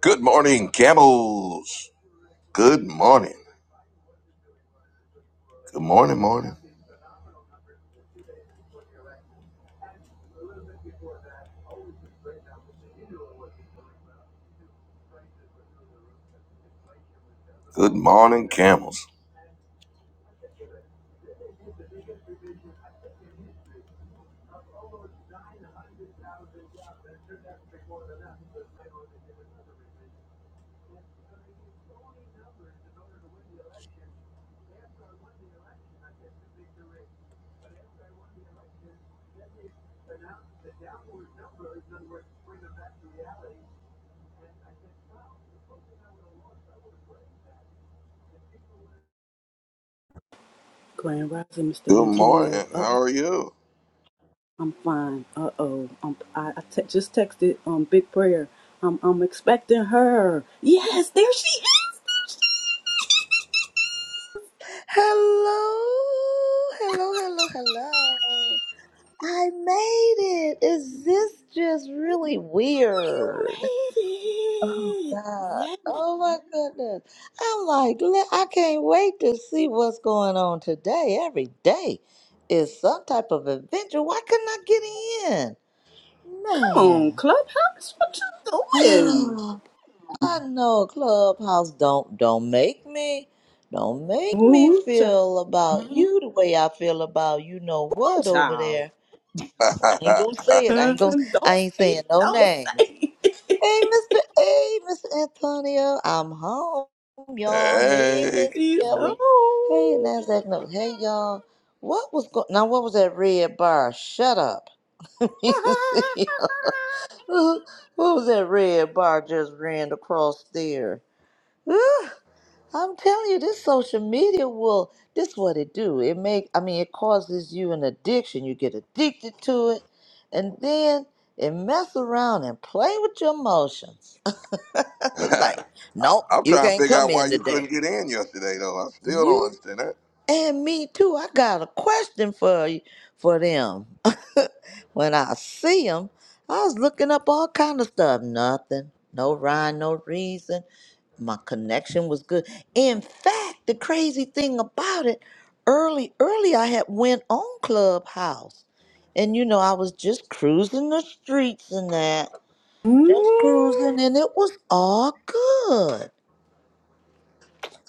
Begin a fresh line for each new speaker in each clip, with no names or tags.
Good morning, camels. Good morning. Good morning, morning. Good morning, camels.
Grand Rising, Mr.
Good morning.
Antonio. Uh,
How are you?
I'm fine. Uh oh. Um, I, I te- just texted um Big Prayer. I'm I'm expecting her. Yes, there she is.
Hello, hello, hello, hello. I made it. Is this just really
You
weird? Oh
made it.
God.
Yeah.
Oh my goodness. I'm like, le- I can't wait to see what's going on today. Every day is some type of adventure. Why couldn't I get
Come on,
in? Man.
Clubhouse. What you doing?
I know Clubhouse don't don't make me don't make me
Ooh, child.
feel about Mhm. you the way I feel about you know what over
child.
there. I ain't gonna say it. I
Huh?
ain't gonna
Don't
I
say
ain't saying
it.
no
Don't
names.
say it.
Hey Mr. Hey Mr. Antonio, I'm home, y'all. Hey
hey.
Miss
She's
Kelly. Hey
oh.
Nasdaq no. Hey y'all. What was going now what was that red bar? Shut up. You see? what was that red bar just ran across there? I'm telling you, this social media will. This what it do. It make. I mean, it causes you an addiction. You get addicted to it, and then it mess around and play with your emotions. like, nope,
I'm
you
trying to
can't
figure
come
out why
in
you couldn't
today.
get in yesterday, though. I still don't
You.
understand that.
And me too. I got a question for you, for them. when I see them, I was looking up all kind of stuff. Nothing, no rhyme, no reason. My connection was good. In fact, the crazy thing about it, early, early, I had went on Clubhouse, and you know I was just cruising the streets and that, just
Mm,
cruising, and it was all good.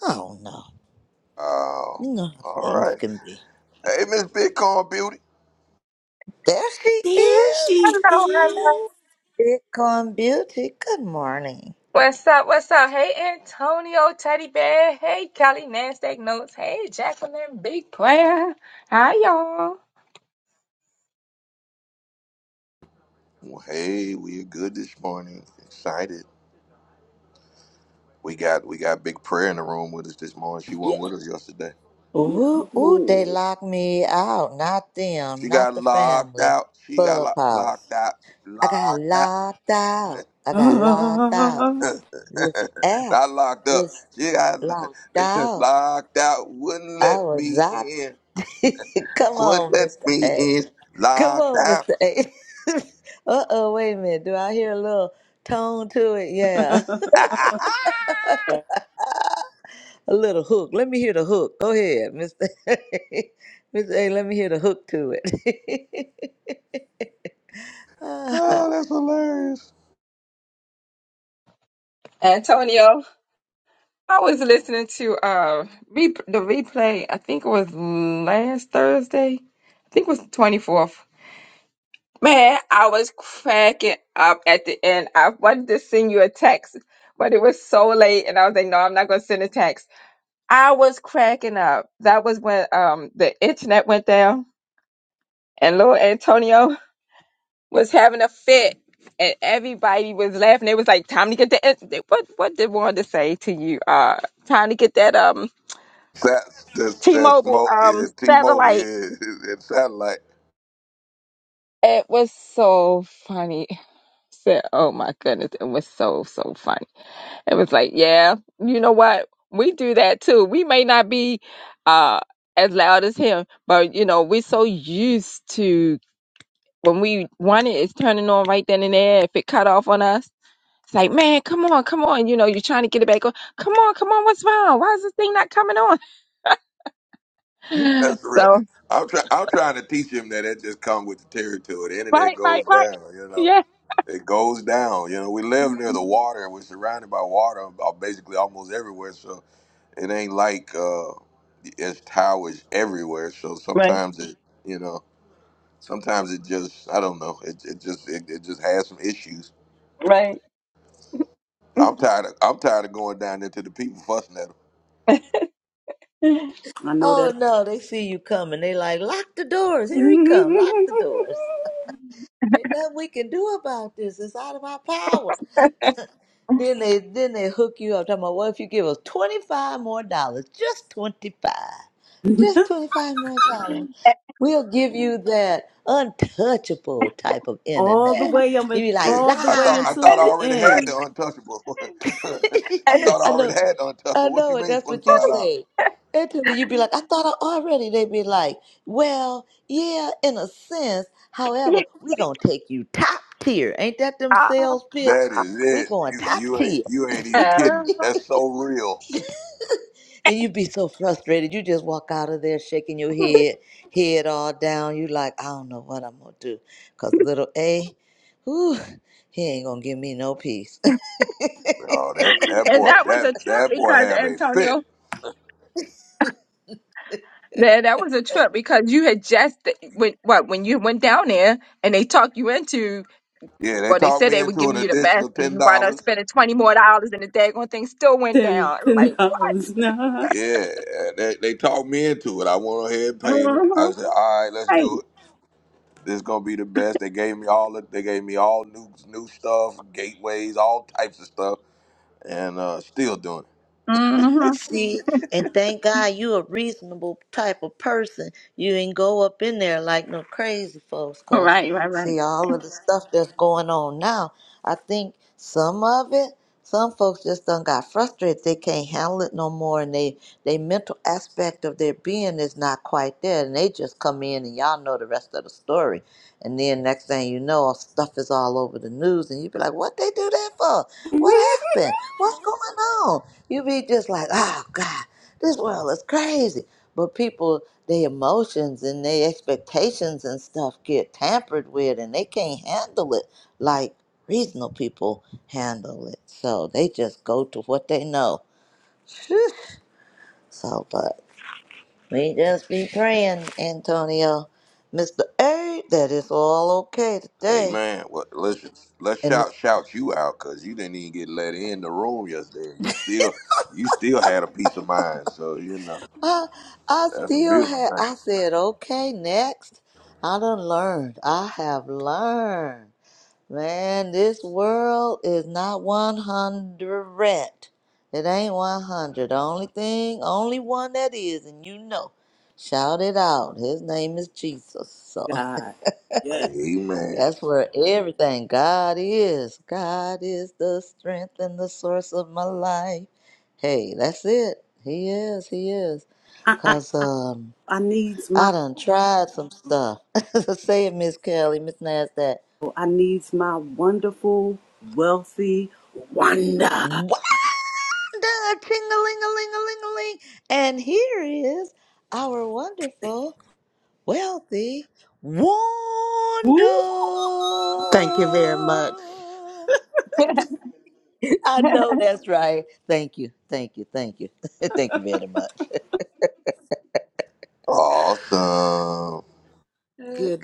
I don't know.
Oh,
You know how
all
things
right.
can be.
Hey, Miss Bitcoin Beauty.
There she
there
is.
she
Hello,
Miss
hello.
is.
Bitcoin Beauty, good morning.
What's up? What's up? Hey, Antonio Teddy Bear. Hey, Kelly Nasdaq Notes. Hey, Jacqueline Big Player. Hi, y'all.
Well, hey, we are good this morning. Excited. We got we got big prayer in the room with us this morning. She
Yeah.
wasn't with us yesterday.
Ooh, ooh, they
No.
locked me out. Not them,
She got
not the
locked
family.
out. She got lo- locked
Clubhouse.
out.
I got
Locked out.
locked out. I got locked out.
I
This app
I locked up.
is
She got
locked out.
locked out. Wouldn't
I
let
was
me
out.
in.
Come
Wouldn't
on,
let
Mr.
me
A.
in.
Come
Locked
on,
out.
Mr. A. uh oh, wait a minute. Do I hear a little tone to it? Yeah. A little hook. Let me hear the hook. Go ahead, Mr. Mr. A. Let me hear the hook to it. Ah,
oh, that's hilarious.
Antonio, I was listening to uh re- the replay. I think it was last Thursday. I think it was the twenty fourth. Man, I was cracking up at the end. I wanted to send you a text, but it was so late, and I was like, "No, I'm not going to send a text." I was cracking up. That was when um the internet went down and little Antonio was having a fit, and everybody was laughing. They was like, "Time to get the what? What did Wanda say to you? Uh, time to get that um
That's that's that's
T-Mobile
Mo,
um
yeah, T-Mobile.
satellite."
Yeah, it's satellite.
It was so funny. Said, "Oh my goodness!" It was so so funny. It was like, yeah, you know what? We do that too. We may not be uh as loud as him, but you know, we're so used to when we want it, it's turning on right then and there. If it cut off on us It's like, man, come on, come on. You know, you're trying to get it back on. Come on, come on. What's wrong? Why is this thing not coming on?
That's real.
So,
I'm trying. I'm trying to teach him that it just comes with the territory. The internet
right,
goes
right, right.
down. You know,
Yeah,
it goes down. You know, we live near the water. We're surrounded by water, uh, basically almost everywhere. So it ain't like. Uh, it's towers everywhere. So
right,
sometimes it, you know, sometimes it just, I don't know, it, it just, it, it just has some issues.
right.
I'm tired of, I'm tired of going down there to the people fussing at them.
and
know
oh
that
no, they see you coming. They like lock the doors. Here he come. Lock the doors. Ain't nothing we can do about this. It's out of our power. Then they then they hook you up. Talking about well, if you give us twenty five more dollars, just twenty five, just twenty five more dollars. We'll give you that untouchable type of
all the
internet.
way I'm
You be like,
Yeah,
all the
I
way
thought, I
lie,
and
until
thought I
the
already had the
end.
untouchable. I thought
it's
I
I know,
already had the
I
untouchable. What
know,
you
and
mean,
that's
twenty
what you
five dollars?
say. And then you'd be like, I thought I already. They'd be like, well, yeah, in a sense.
yeah.
However, we going to take you top tier. Ain't that them
Ah.
sales pitch?
That is
we
it.
going
You,
top
you ain't,
tier.
you ain't even
ah.
kidding. That's so real.
And you'd be so frustrated. You just walk out of there shaking your head, head all down. you like, I don't know what I'm going to do. Because little A, whew, he ain't going to give me no peace.
Oh, that, that
and
boy,
that was a trip
that, that boy
because
have a fit.
Antonio, that that was a trip because you had just when what when you went down there and they talked you into
Yeah, they
well they
talked
said
me
they were
into
giving
an
you the best
additional
and
$10.
you wound up spending twenty more dollars and the daggone thing still went
ten
down. Like
ten
what?
dollars now.
Yeah, they, they talked me into it. I went ahead and paid them. I
Mhm.
said, "All right, let's do it. This is gonna be the best." They gave me all the, they gave me all new new stuff, gateways, all types of stuff, and uh, still doing it.
hmm
See, and thank God you a reasonable type of person. You ain't go up in there like no crazy folks, 'cause
Right, right, right.
see all of the stuff that's going on now. I think some of it, some folks just done got frustrated. They can't handle it no more, and they they mental aspect of their being is not quite there, and they just come in and y'all know the rest of the story. And then next thing you know, stuff is all over the news, and you be like, "What they do that for? What happened? What's going on?" You be just like, oh God, this world is crazy. But people, their emotions and their expectations and stuff get tampered with and they can't handle it like reasonable people handle it. So they just go to what they know. Phew. So, but we just be praying, Antonio, Mr. A, that it's all okay
Hey
today.
man, what, let's let's
And.
shout shout you out because you didn't even get let in the room yesterday. You still you still had a peace of mind, so you know
I, I
that's a
still
beautiful
had,
thing.
I said, okay, next. I done learned. I have learned. Man, this world is not 100. It ain't 100. Only thing, only one that is, and you know. Shout it out. His name is Jesus. So
God, yeah.
Hey man,
that's where everything God is. God is the strength and the source of my life. Hey, that's it. He is. He is. Cause um
I needs my
I done tried some stuff. So Say it, Miss Kelly, Miss Nasdaq.
I needs my wonderful, wealthy wonder.
Wanda, ting-a-ling-a-ling-a-ling-a-ling. And here is our wonderful, wealthy Wanda.
Woo!
Thank you very much.
I know that's right. Thank you, thank you, thank you, thank you very much.
awesome.
Good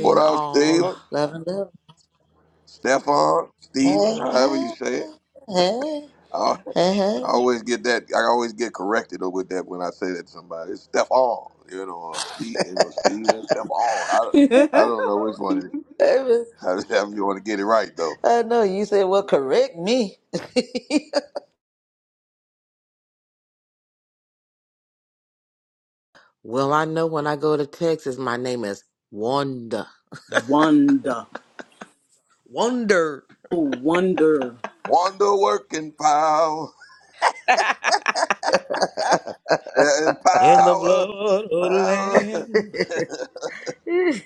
What up,
all.
Steven?
love and love.
Stefan, Steven,
Hey,
however you
hey,
say
hey,
it.
hey,
I
hey.
always get that. I always get corrected with that when I say that to somebody. It's Stephon, you know, or Steve, you know, Steven Stephon. I don't,
Yeah.
I don't know which one. It is.
Hey, Miss-
However, you want to get it right though.
I know you said, well, correct me.
Well, I know when I go to Texas, my name is Wanda.
Wonder.
Wonder
Oh, wonder.
Wonder working power, there is
in the
power,
blood of the
power.
land.
it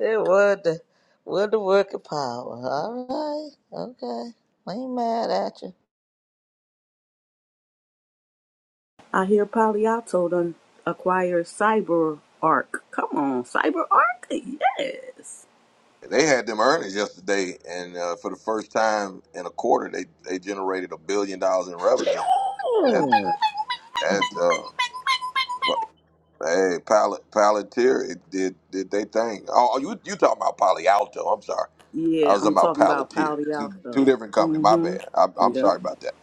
was the was the working power. All right, okay. I ain't mad at you.
I hear Poliato done acquire cyber arc. Come on, cyber arc? Yes.
They had them earnings yesterday, and uh, for the first time in a quarter, they they generated a billion dollars in revenue. That
Ooh.
that uh, Hey, Pal- Palantir it did did they thing. Oh, oh, you you talking about Palo Alto? I'm sorry. I
Yeah,
was
I'm
talking about
talking about
Palantir.
Palo
Two
Alto.
two different companies. My
Mm-hmm.
bad. I'm, I'm
Yep.
sorry about that.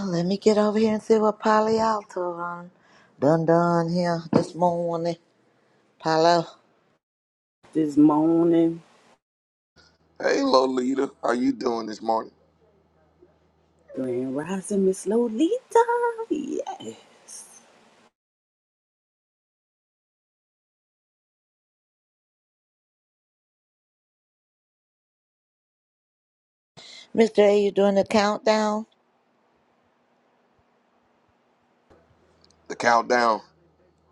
Let me get over here and see what Palo Alto on done done here this morning. Palo,
This morning,
Hey, Lolita, how you doing this morning?
Grand Rising Miss Lolita. Yes.
Mr. A, you doing the countdown?
The countdown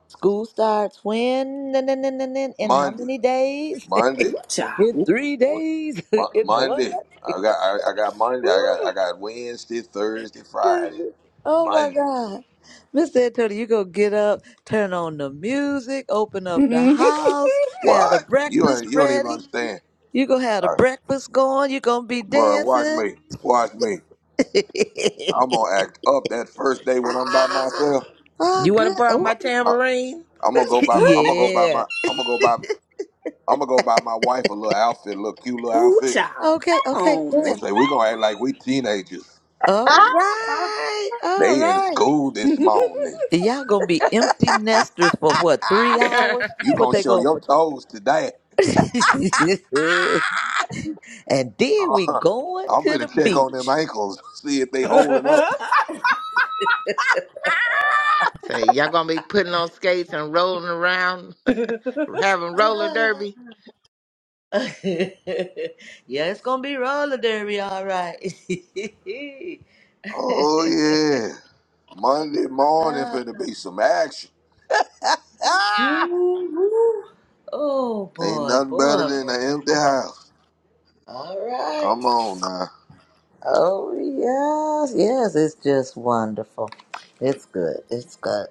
School starts when? N- n- n- n- n- In how
Monday,
many days?
Monday,
Ooh, child.
in
Ooh,
three days?
Mo-
in what?
Monday. I got I, I got Monday. I
Woo.
got I got Wednesday, Thursday, Friday,
goodness. Oh my
Monday.
God. Mr. Antonio, you go get up, turn on the music, open up the
Mhm.
house, have the
What? You
breakfast
ain't, you don't even
ready.
understand,
You gonna have the
All right,
breakfast going. You gonna be
bro. Watch
dancing.
me, watch me. I'm gonna act up that first day when I'm by myself.
ah, oh,
You want to
good.
borrow
I,
Oh,
my tambourine?
I'm gonna go buy. My, I'm gonna go buy
yeah.
my. I'm gonna go buy. I'm gonna go buy my wife a little outfit, a little cute little
Ooh,
outfit.
child.
Okay,
Come
okay,
on,
I'm
yeah.
miss.
say we gonna act like we teenagers.
All
Huh?
right, all
They in
right.
school this morning.
Y'all gonna be empty nesters for what? Three hours?
Say,
You
What
gonna
they
show
go
your
for?
toes today?
And then we
Uh,
going
I'm
to the
finna check on them
beach.
ankles, see if they holding up.
y'all gonna be putting on skates and rolling around, having roller
Ah.
derby?
yeah, it's gonna be roller derby, all right.
Oh yeah, Monday morning
Ah,
finna be some action.
woo, woo. oh
Ain't
boy,
nothing better
boy,
than an
boy,
empty
boy.
house.
All right.
Come on now.
Oh yes, yes, it's just wonderful. It's good. It's good.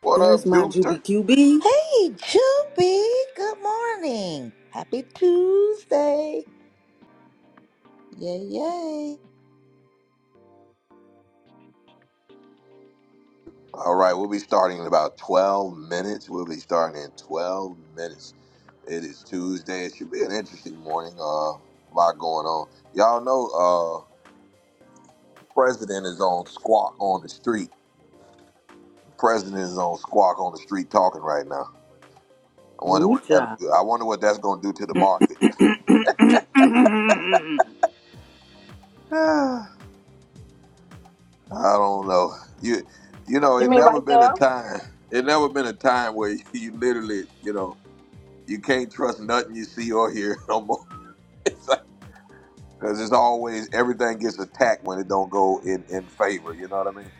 What
There's
up,
my
Jupiter?
Juby QB.
Hey, Juby. Good morning. Happy Tuesday. Yay, yay.
All right, we'll be starting in about 12 minutes. We'll be starting in 12 minutes. It is Tuesday. It should be an interesting morning. Uh, a lot going on. Y'all know, uh, President is on Squawk on the Street. The President is on Squawk on the Street talking right now. I wonder
Ooh,
what that
child.
I wonder what that's going to do to the market. I don't know. You, you know,
You
it
mean
never
right
been a
now?
time. It never been a time where you literally, you know, you can't trust nothing you see or hear no more. Because it's always everything gets attacked when it don't go in in favor. You know what I mean?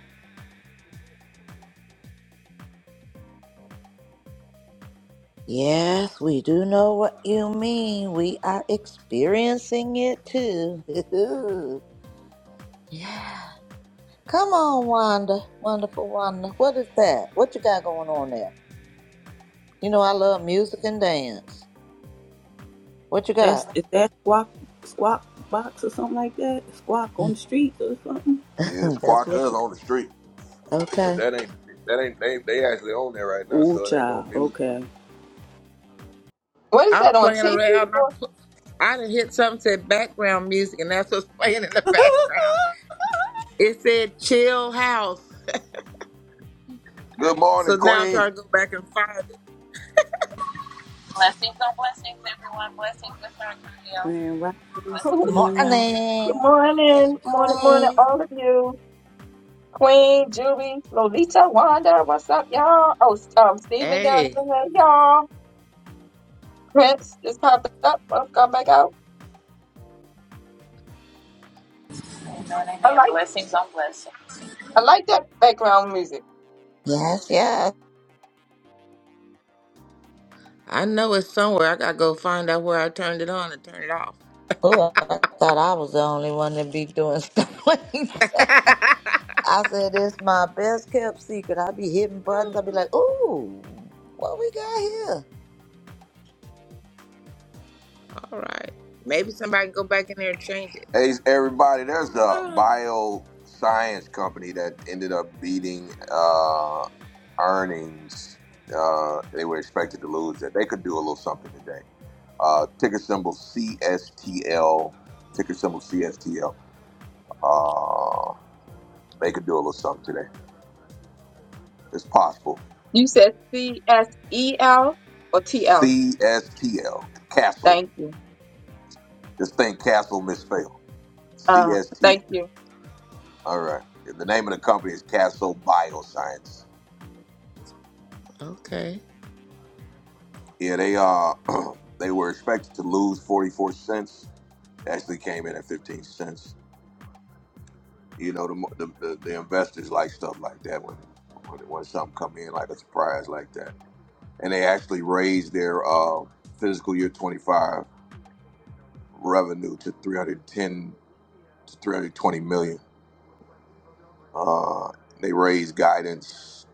Yes, we do know what you mean. We are experiencing it too. Yeah. Come on, Wanda. Wonderful Wanda. What is that? What you got going on there? You know I love music and dance. What you got?
That's, is that squawk, squawk box or something like that? Squawk on the street or something?
Yeah,
That's
Squawk is
what you
on the street,
got.
but
Okay.
that ain't that ain't they they actually on there right now,
Ooh,
so it ain't no
child.
music.
Okay.
What is
I'm
that on
playing
TV?
around. I pl- I done hit something said background music, and that's what's playing in the background. It said chill house.
Good
So
morning,
now I'm
Queen.
trying to go back and find
Blessings on blessings, everyone. Blessings, Mr. Antonio.
Grand Rapids
Blessings
Good
to the
Queen.
room.
Morning. Hey,
morning, morning, morning,
Queen.
all of you. Queen, Juby, Lolita, Wanda, what's up, y'all? Oh, S- um, Steven down
Hey,
there, y'all. Prince just popped up. Let's go back out.
Amen.
I
Amen.
like,
Blessings on blessings.
I like that background music.
Yes, yes.
I know it's somewhere. I gotta go find out where I turned it on and turn it off.
Oh, I thought I was the only one that be doing stuff like that. I said, it's my best kept secret. I be hitting buttons. I be like, ooh, what we got here?
All right. Maybe somebody can go back in there and change it.
Hey, everybody. There's a
Ah,
bioscience company that ended up beating uh, earnings. Uh, they were expected to lose that. They could do a little something today. Uh, ticker symbol CSTL. Ticker symbol CSTL. Uh, they could do a little something today. as possible.
You said C S E L or T L?
CSTL, Castle.
Thank you.
This thing Castle misspelled.
Uh,
CSTL.
thank you.
All right. the name of the company is Castle Bioscience.
Okay.
Yeah, they uh they were expected to lose 44 cents. Actually came in at 15 cents. You know, the mo- the, the, the investors like stuff like that when, when when something come in like a surprise like that. And they actually raised their uh fiscal year 25 revenue to 310 to 320 million Uh, they raised guidance,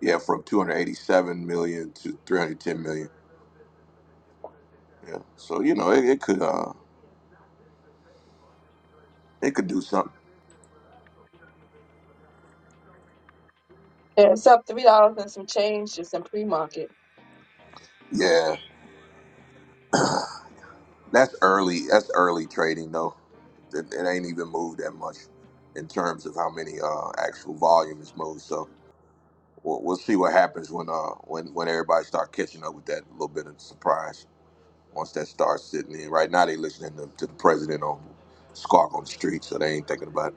yeah, from 287 million to 310 million. Yeah, so you know it, it could uh it could do something.
Yeah, it's up three dollars and some change, just in pre-market.
Yeah, that's early. That's early trading though. It, it ain't even moved that much in terms of how many uh actual volume is moved. So we'll, we'll see what happens when uh when when everybody start catching up with that little bit of surprise. Once that starts sitting in, right now they listening to, to the president on Squawk on the street, so they ain't thinking about it.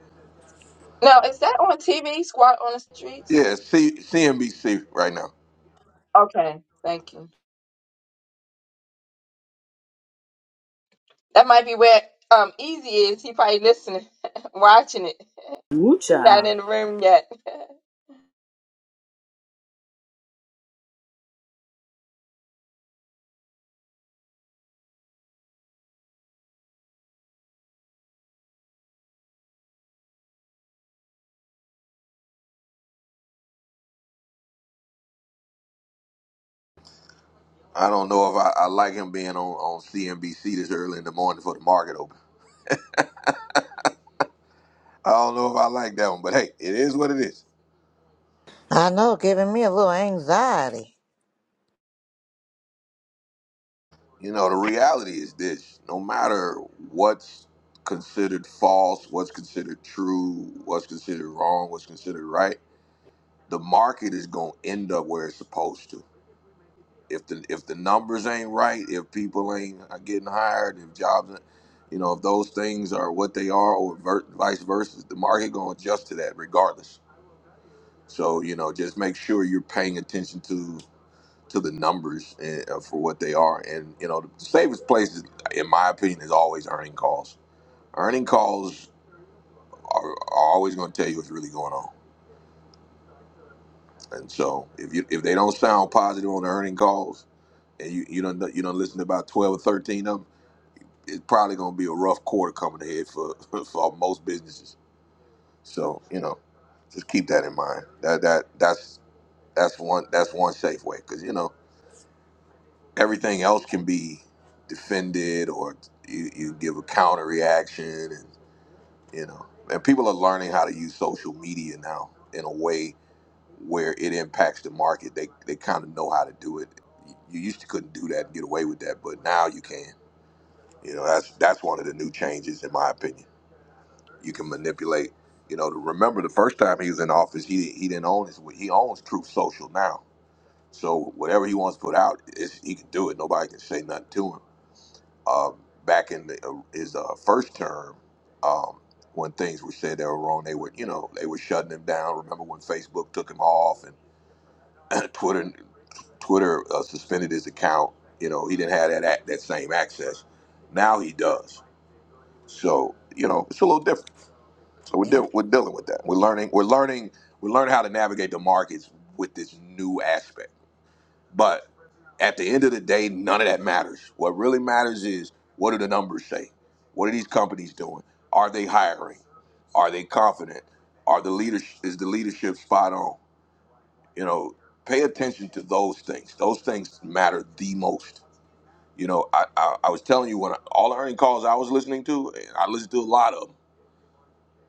Now, is that on TV? Squad on the streets?
Yeah, C- CNBC right now.
Okay, thank you. That might be where um Easy is. He probably listening, watching it.
Ooh,
He not
child.
in the room yet.
I don't know if I, I like him being on, on CNBC this early in the morning for the market open. I don't know if I like that one, but hey, it is what it is.
I know, giving me a little anxiety.
You know, the reality is this no matter what's considered false, what's considered true, what's considered wrong, what's considered right, the market is going to end up where it's supposed to. if the if the numbers ain't right, if people ain't getting hired, if jobs, you know, if those things are what they are, or ver- vice versa, the market gonna adjust to that regardless. So you know, just make sure you're paying attention to to the numbers and, uh, for what they are, and you know, the safest place, is, in my opinion, is always earning calls. Earning calls are, are always gonna tell you what's really going on, and so if you if they don't sound positive on the earning calls, and you you don't you don't listen to about twelve or thirteen of 'em, it's probably going to be a rough quarter coming ahead for for most businesses. So you know, just keep that in mind. That that that's that's one that's one safe way because you know everything else can be defended or you, you give a counter reaction and you know and people are learning how to use social media now in a way where it impacts the market. They they kind of know how to do it. You used to couldn't do that and get away with that, but now you can. You know that's that's one of the new changes in my opinion You can manipulate. You know, to remember the first time he was in office, he he didn't own his. He owns Truth Social now. So whatever he wants to put out, it's, he can do it. Nobody can say nothing to him. Um, back in the, uh, his uh, first term, um, when things were said that were wrong, they were you know they were shutting him down. Remember when Facebook took him off and Twitter Twitter uh, suspended his account. You know, he didn't have that ac- that same access. Now he does. So you know, it's a little different. So we're
Yeah.
deal we're dealing with that. We're learning we're learning we're learning how to navigate the markets with this new aspect. But at the end of the day, none of that matters. What really matters is what do the numbers say? What are these companies doing? Are they hiring? Are they confident? Are the leadership is the leadership spot on? You know, pay attention to those things. Those things matter the most. You know, I I, I was telling you when I, all the earning calls I was listening to, and I listened to a lot of them.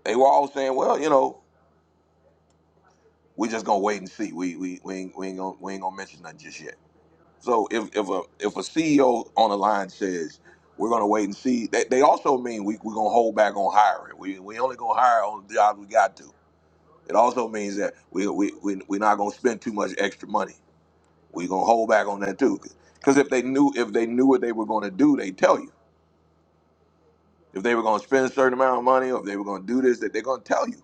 They were all saying, well, you know. we just gonna wait and see. We we we ain't, we ain't gonna we ain't gonna mention nothing just yet. So if if a if a CEO on the line says we're gonna wait and see, they, they also mean we we gonna hold back on hiring. We we only gonna hire on the jobs we got to. It also means that we we we we are not gonna spend too much extra money. We gonna hold back on that too. Because if they knew if they knew what they were gonna do, they tell you. If they were gonna spend a certain amount of money, or if they were gonna do this, that they're gonna tell you.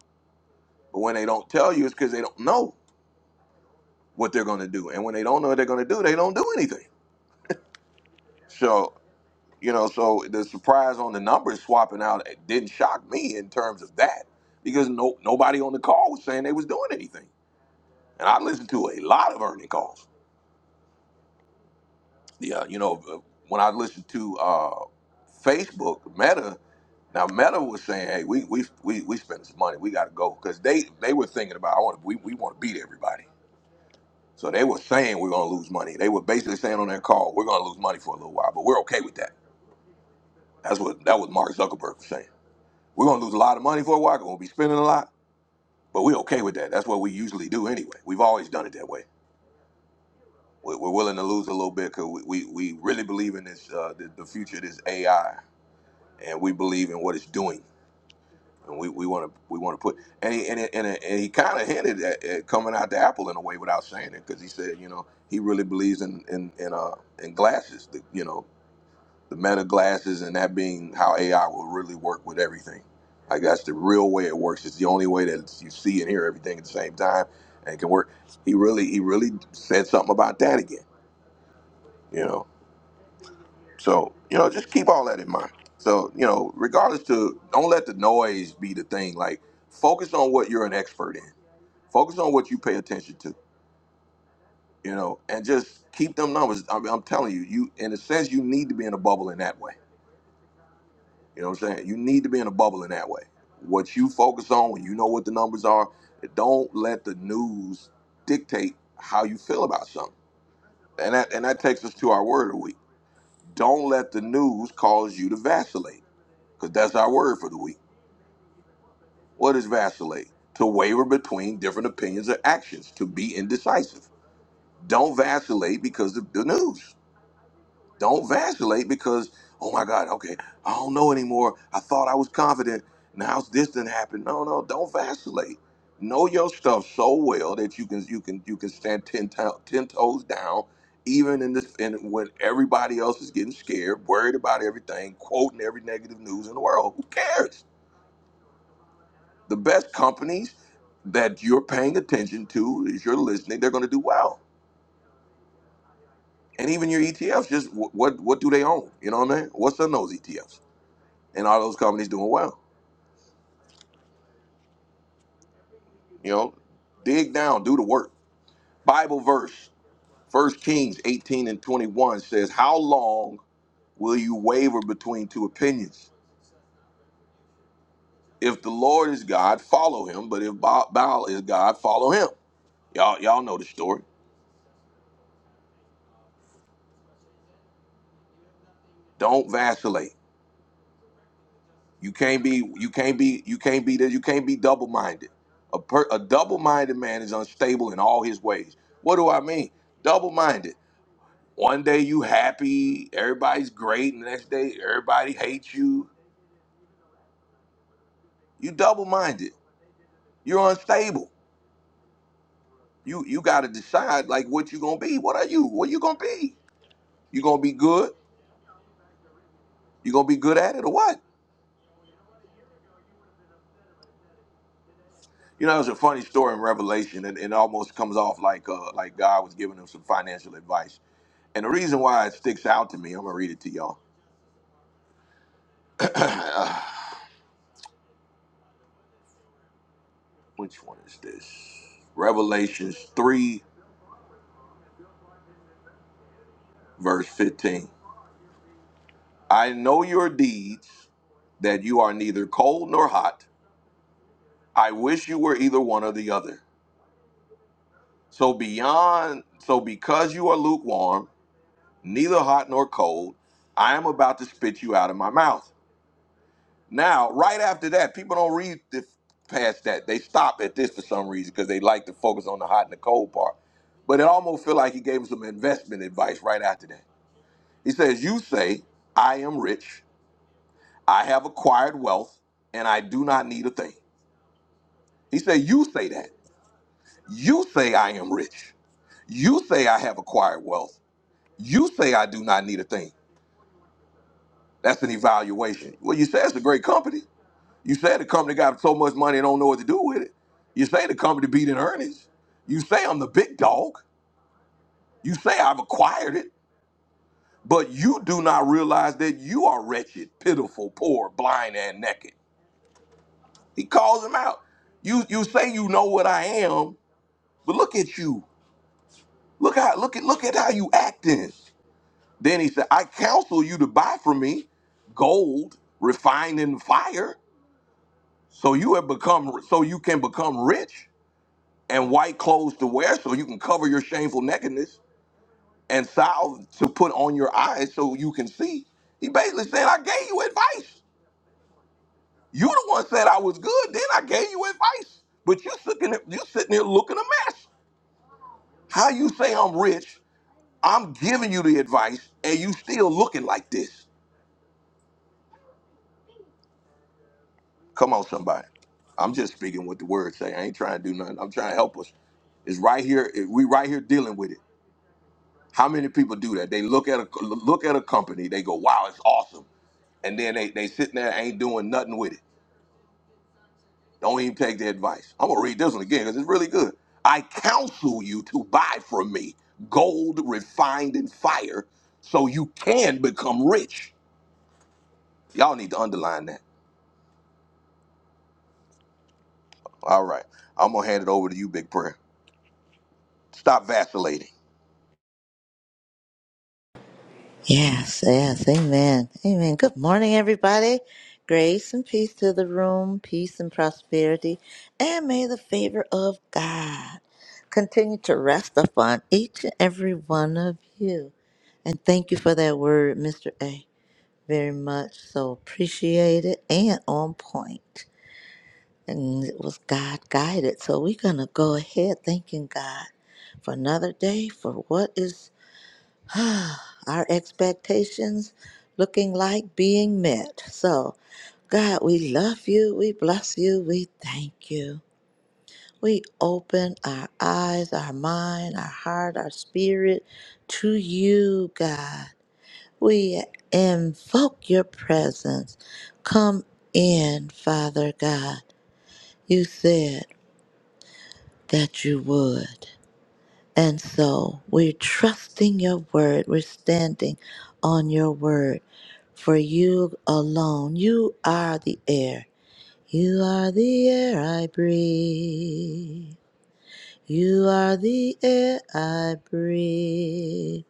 But when they don't tell you, it's because they don't know what they're gonna do. And when they don't know what they're gonna do, they don't do anything. So you know, so the surprise on the numbers swapping out it didn't shock me in terms of that because no nobody on the call was saying they was doing anything, and I listened to a lot of earning calls. Yeah, you know, uh, when I listened to uh, Facebook Meta, now Meta was saying, hey, we we we we spending some money, we got to go because they they were thinking about I want we we want to beat everybody. So they were saying we're gonna lose money. They were basically saying on their call, we're gonna lose money for a little while, but we're okay with that. That's what that was Mark Zuckerberg was saying. We're gonna lose a lot of money for a while. We're gonna be spending a lot, but we're okay with that. That's what we usually do anyway. We've always done it that way. We're, we're willing to lose a little bit because we, we, we really believe in this uh, the, the future of this AI, and we believe in what it's doing, and we we want to we want to put and he and, it, and, it, and he kind of hinted at, at coming out to Apple in a way without saying it because he said you know he really believes in in in uh in glasses, the, you know the meta glasses and that being how AI will really work with everything. Like that's the real way it works. It's the only way that you see and hear everything at the same time and can work. He really he really said something about that again, you know. So, you know, just keep all that in mind. So, you know, regardless to don't let the noise be the thing. Like focus on what you're an expert in. Focus on what you pay attention to, you know, and just keep them numbers. I mean, I'm telling you, you in a sense you need to be in a bubble in that way You know what I'm saying? You need to be in a bubble in that way. What you focus on when you know what the numbers are, don't let the news dictate how you feel about something. And that and that takes us to our word of the week. Don't let the news cause you to vacillate, because that's our word for the week. What is vacillate? To waver between different opinions or actions, to be indecisive. Don't vacillate because of the news. Don't vacillate because, oh my God, okay, I don't know anymore. I thought I was confident. Now this didn't happen. No, no, don't vacillate. Know your stuff so well that you can you can you can stand ten, to- ten toes down, even in this in when everybody else is getting scared, worried about everything, quoting every negative news in the world. Who cares? The best companies that you're paying attention to, if you're listening, they're going to do well. And even your ETFs, just wh- what what do they own? You know what I mean? What's in those ETFs? and all those companies doing well. You know, dig down, do the work. Bible verse, First Kings 18 and 21 says, How long will you waver between two opinions? If the Lord is God, follow him, but if Ba- Baal is God, follow him. Y'all, y'all know the story. Don't vacillate. You can't be, you can't be, you can't be that, you can't be double-minded. A, per, a double-minded man is unstable in all his ways. What do I mean? Double-minded. One day you happy, everybody's great, and the next day everybody hates you. You double minded. You're unstable. You you gotta decide like what you gonna be. What are you? What you gonna be? You gonna be good? You gonna be good at it or what? You know, there's a funny story in Revelation, and it almost comes off like uh like God was giving him some financial advice. And the reason why it sticks out to me, I'm gonna read it to y'all. Uh, Which one is this? Revelations three, verse fifteen. I know your deeds, that you are neither cold nor hot. I wish you were either one or the other. So beyond so because you are lukewarm, neither hot nor cold, I am about to spit you out of my mouth. Now, right after that, people don't read the, past that. They stop at this for some reason because they like to focus on the hot and the cold part. But it almost feel like he gave him some investment advice right after that. He says, "You say I am rich, I have acquired wealth, and I do not need a thing." He said, You say that. You say I am rich. You say I have acquired wealth. You say I do not need a thing. That's an evaluation. Well, you say it's a great company. You say the company got so much money and don't know what to do with it. You say the company beat in earnings. You say I'm the big dog. You say I've acquired it, but you do not realize that you are wretched, pitiful, poor, blind, and naked. He calls him out. You you say you know what I am, but look at you. Look how look at look at how you acting. Then he said, I counsel you to buy from me gold refined in fire, so you have become so you can become rich, and white clothes to wear, so you can cover your shameful nakedness, and salve to put on your eyes so you can see. He basically said, I gave you advice. You the one said I was good, then I gave you advice. But you sitting you sitting here looking a mess. How you say I'm rich, I'm giving you the advice, and you still looking like this. Come on, somebody. I'm just speaking what the word say. I ain't trying to do nothing. I'm trying to help us. It's right here. it- We right here dealing with it. How many people do that? They look at a look at a company. They go, "Wow, it's awesome," and then they they sitting there ain't doing nothing with it. Don't even take the advice. I'm gonna read this one again because it's really good. I counsel you to buy from me gold refined in fire, so you can become rich. Y'all need to underline that. All right, I'm gonna hand it over to you, Big Prayer. Stop vacillating.
Yes, yes. Amen. Amen. Good morning, everybody. Grace and peace to the room, peace and prosperity, and may the favor of God continue to rest upon each and every one of you. And thank you for that word, Mr. A. Very much so appreciated and on point. and it was God guided. So we're going to go ahead thanking God for another day, for what is our expectations looking like being met. So, God, we love you, we bless you, we thank you. We open our eyes, our mind, our heart, our spirit to you, God. We invoke your presence. Come in, Father God. You said, that you would. And so we're trusting your word. We're standing on your word. For you alone, you are the air. You are the air I breathe. You are the air I breathe.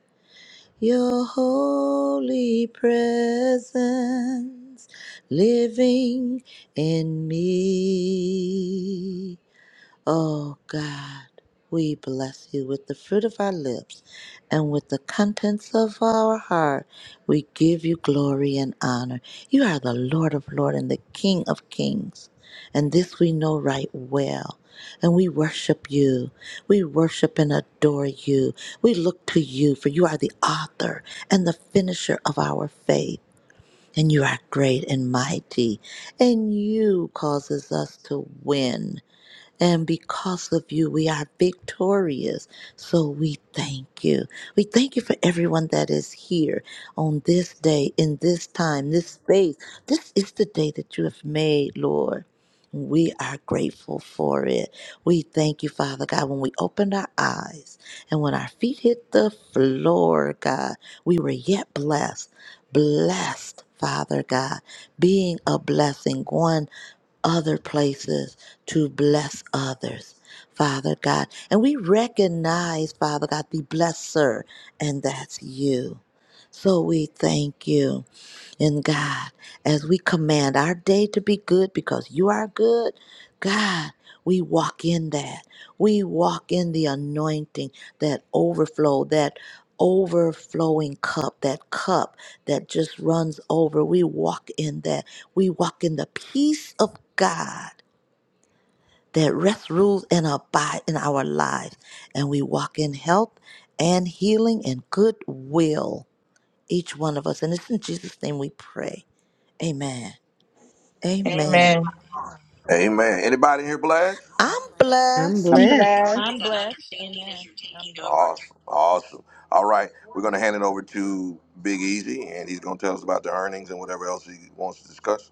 Your holy presence living in me. Oh God, we bless you with the fruit of our lips and with the contents of our heart. We give you glory and honor. You are the Lord of Lords and the King of Kings. And this we know right well. And we worship you. We worship and adore you. We look to you, for you are the author and the finisher of our faith. And you are great and mighty. And you causes us to win. And because of you, we are victorious. So we thank you. We thank you for everyone that is here on this day, in this time, this space. This is the day that you have made, Lord. We are grateful for it. We thank you, Father God, when we opened our eyes and when our feet hit the floor, God, we were yet blessed. Blessed, Father God, being a blessing, going other places to bless others, Father God. And we recognize, Father God, the blesser, and that's you. So we thank you. And God, as we command our day to be good because you are good, God, we walk in that. We walk in the anointing, that overflow, that overflowing cup, that cup that just runs over. We walk in that. We walk in the peace of God that rests, rules, and abide in our lives. And we walk in health and healing and goodwill, each one of us. And it's in Jesus' name we pray. Amen. Amen.
Amen.
Amen. Anybody in here blessed?
I'm
I'm
blessed.
I'm
Continue to breathe
blessed.
blessed.
I'm on blessed. understanding Amen. as you're I'm taking blessed. over
Awesome. Awesome. All right. We're going to hand it over to Big Easy, and he's going to tell us about the earnings and whatever else he wants to discuss.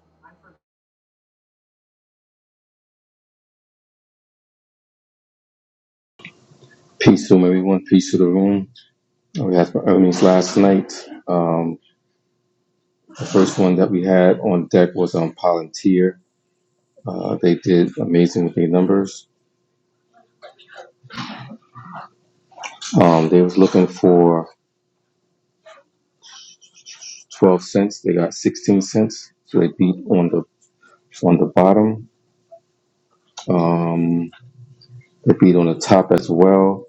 Peace to 'em, everyone. Peace to the room. We had some earnings last night. Um, the first one that we had on deck was on Palantir. Uh, they did amazing with their numbers. Um, they was looking for 12 cents. They got 16 cents. So they beat on the on the bottom. Um, they beat on the top as well.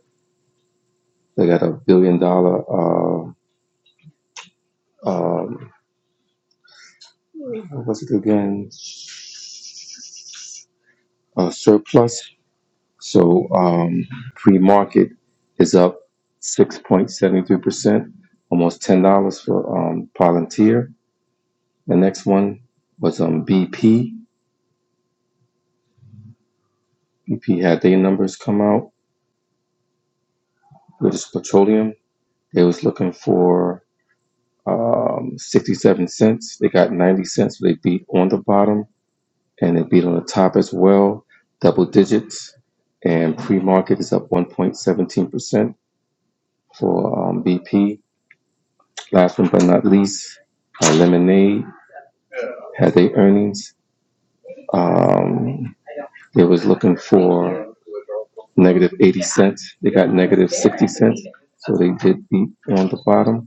They got a billion dollar. Uh, um, what was it again? Uh, surplus So um, free market is up 6.73%, almost $10 for um, Palantir. The next one was um, BP. BP had their numbers come out. British Petroleum. They was looking for um, 67 cents. They got 90 cents. So they beat on the bottom and they beat on the top as well, double digits. And pre-market is up 1.17% for um, BP Last one but not least, uh, Lemonade had their earnings. Um, they was looking for negative 80 cents. They got negative 60 cents. So they did beat on the bottom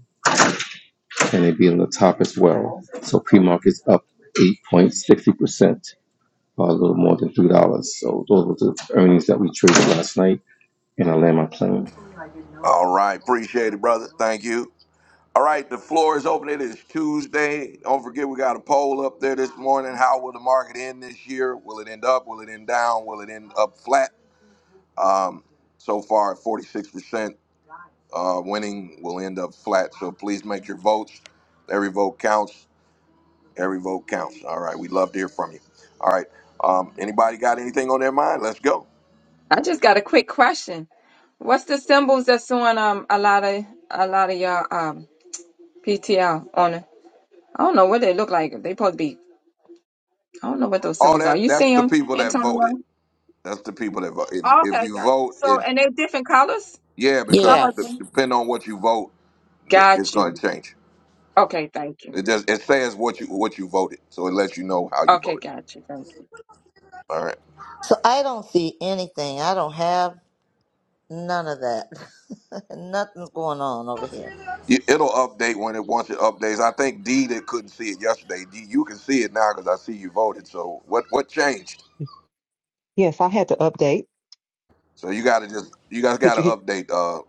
and they beat on the top as well. So pre is up 8.60%, a little more than $3. So those were the earnings that we traded last night. And I land my plane.
All right. Appreciate it, brother. Thank you. All right. The floor is open. It is Tuesday. Don't forget, we got a poll up there this morning. How will the market end this year? Will it end up? Will it end down? Will it end up flat? Um, so far, 46% uh, winning will end up flat. So please make your votes. Every vote counts. Every vote counts. All right. We'd love to hear from you. All right. Um, anybody got anything on their mind? Let's go.
I just got a quick question. What's the symbols that's on um a lot of a lot of your um PTL on it? I don't know what they look like. They supposed to be. I don't know what those
All
symbols are.
that
You
that's
see
the
them,
people that
Antonio?
voted. That's the people that vote. If,
Oh,
if
okay,
you
got. you.
vote,
So,
it
and they're different colors.
yeah, because
Some of
d-
Yes.
them.
depending on what you vote, th- it's
Got
going to
you.
change.
Okay, thank you.
It just it says what you what you voted, so it lets you know how you
Okay,
voted.
gotcha. Thank you.
All right,
So I don't see anything. I don't have none of that. Nothing's going on over here.
You- it'll update when it wants it updates. I think D that couldn't see it yesterday. D, you can see it now because I see you voted. So what what changed?
Yes, I had to update.
So you got to just you guys
Could
got to
you hear?
update. Uh,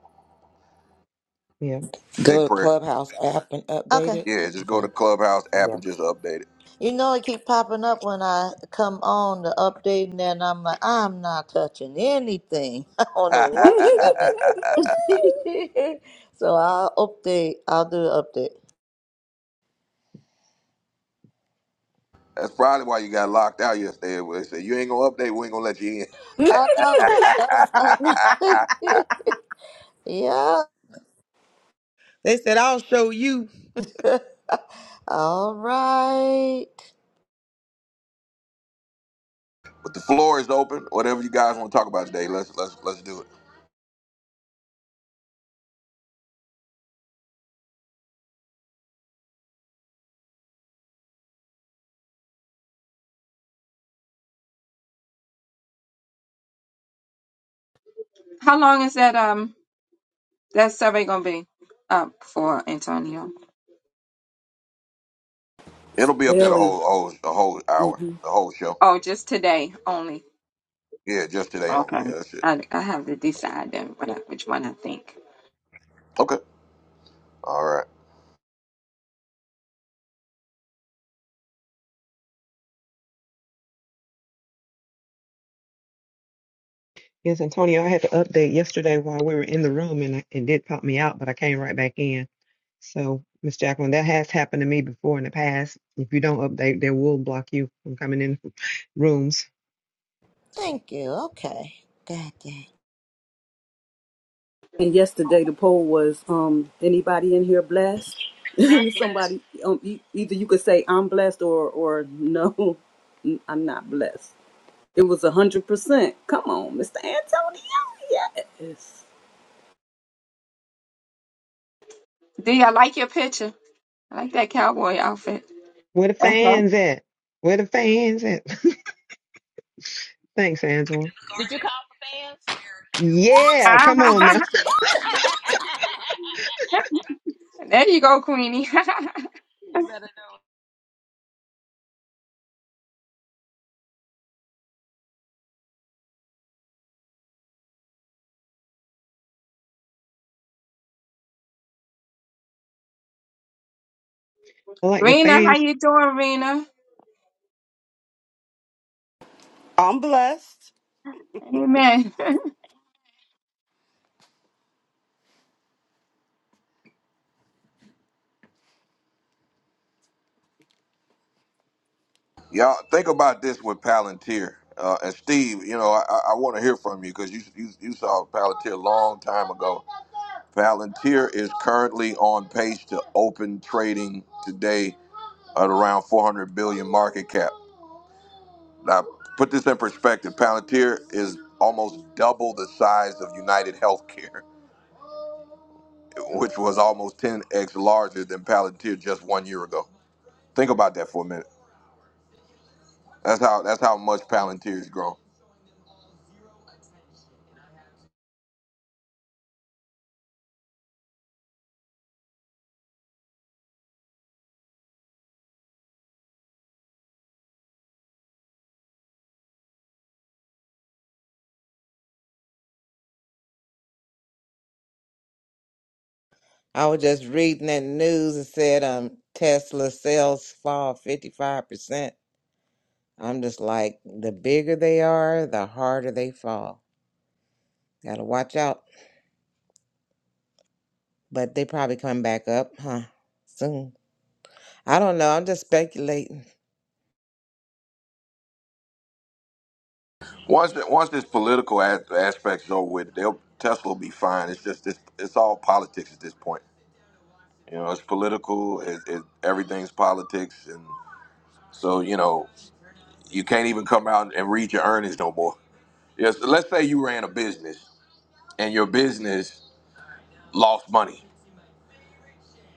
Yeah.
big
Go to
prayer.
Clubhouse app and update
Okay.
it.
Yeah, just go to
Okay.
Clubhouse app
Yeah.
and just update it.
You know it keep popping up when I come on to update and then I'm like, I'm not touching anything. I don't know what's happening. so I'll update. I'll do an update.
That's probably why you got locked out yesterday. They said you ain't gonna update, we ain't gonna let you in.
I know it. Oh, I know it. yeah.
They said I'll show you.
All right.
but the floor is open. Whatever you guys want to talk about today, let's let's let's do it.
How long is that um that survey gonna be up for Antonio?
It'll be up there the
Barely.
whole whole the whole hour,
hmm
the whole show.
Oh, just today only.
Yeah, just today only.
Okay.
Yeah, that's it.
I I have to decide then what I, which one I think.
Okay. All right.
Yes, Antonio, I had to update yesterday while we were in the room and I- it did pop me out, but I came right back in. So, Miss Jacqueline, that has happened to me before in the past. If you don't update, they will block you from coming in rooms.
Thank you. Okay. God damn.
And yesterday the poll was, um, anybody in here blessed? And somebody, um, e- either you could say I'm blessed or or no, I'm not blessed. It was a hundred percent. Come on, Mr. Antonio. Yes.
Do you like your picture? I like that cowboy outfit.
Where the
Uh-huh.
fans at? Where the fans at? Thanks, Angela.
through Did you call for fans?
Yeah, come
No,
on
I'm
now.
just kidding.
there you go, Queenie.
you better know.
I like the
Rena, how
fans.
you doing, Rena?
I'm blessed.
Amen.
Y'all think about this with Palantir. Uh, and Steve, you know, I, I want to hear from you because you, you you saw Palantir a long time ago Palantir is currently on pace to open trading today at around 400 billion dollars market cap. Now, put this in perspective, Palantir is almost double the size of United Healthcare, which was almost 10x larger than Palantir just one year ago. Think about that for a minute. That's how that's how much Palantir's grown.
I was just reading that news and said um Tesla sales fall fifty five percent. I'm just like the bigger they are, the harder they fall. Gotta watch out. but they probably come back up, huh? Soon. I don't know. I'm just speculating.
Once the, once this political a- aspect's over with, they'll, Tesla will be fine. It's just it's, it's all politics at this point. You know, it's political. It, it, everything's politics, and so you know you can't even come out and read your earnings no more. Yes, let's say you ran a business and your business lost money,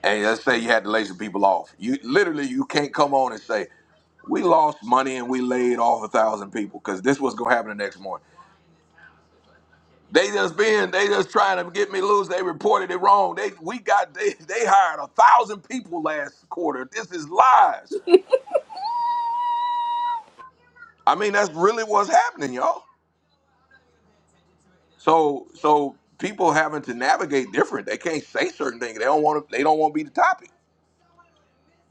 and let's say you had to lay some people off. You literally you can't come on and say we lost money and we laid off a thousand people because this was gonna happen the next morning. They just been they just trying to get me loose. They reported it wrong. They we got they they hired a thousand people last quarter. This is lies. I mean, that's really what's happening, y'all. So so people having to navigate different. They can't say certain things. They don't want to. They don't want to be the topic.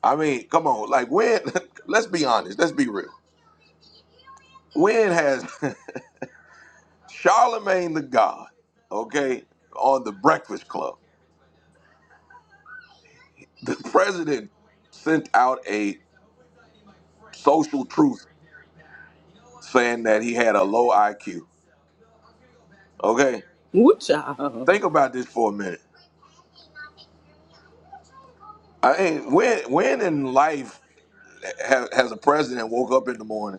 I mean, come on. Like when? Let's be honest. Let's be real. When has Charlemagne the God, okay, on the Breakfast Club, the president sent out a social truth saying that he had a low IQ. Okay,
Woo, child.
think about this for a minute. I mean, when when in life ha- has a president woke up in the morning?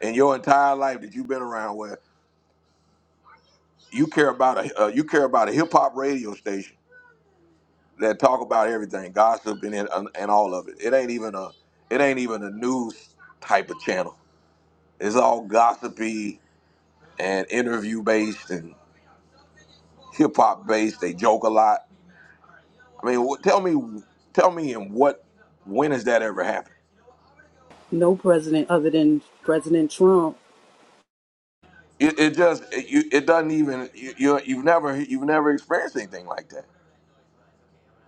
in your entire life that you've been around where you care about a uh, you care about a hip hop radio station that talk about everything, gossip and, and and all of it. It ain't even a it ain't even a news type of channel. It's all gossipy and interview based and hip hop based. They joke a lot. I mean, wh- tell me tell me in what when has that ever happened?
No president other than President Trump.
It, it just it, you, it doesn't even you, you you've never you've never experienced anything like that.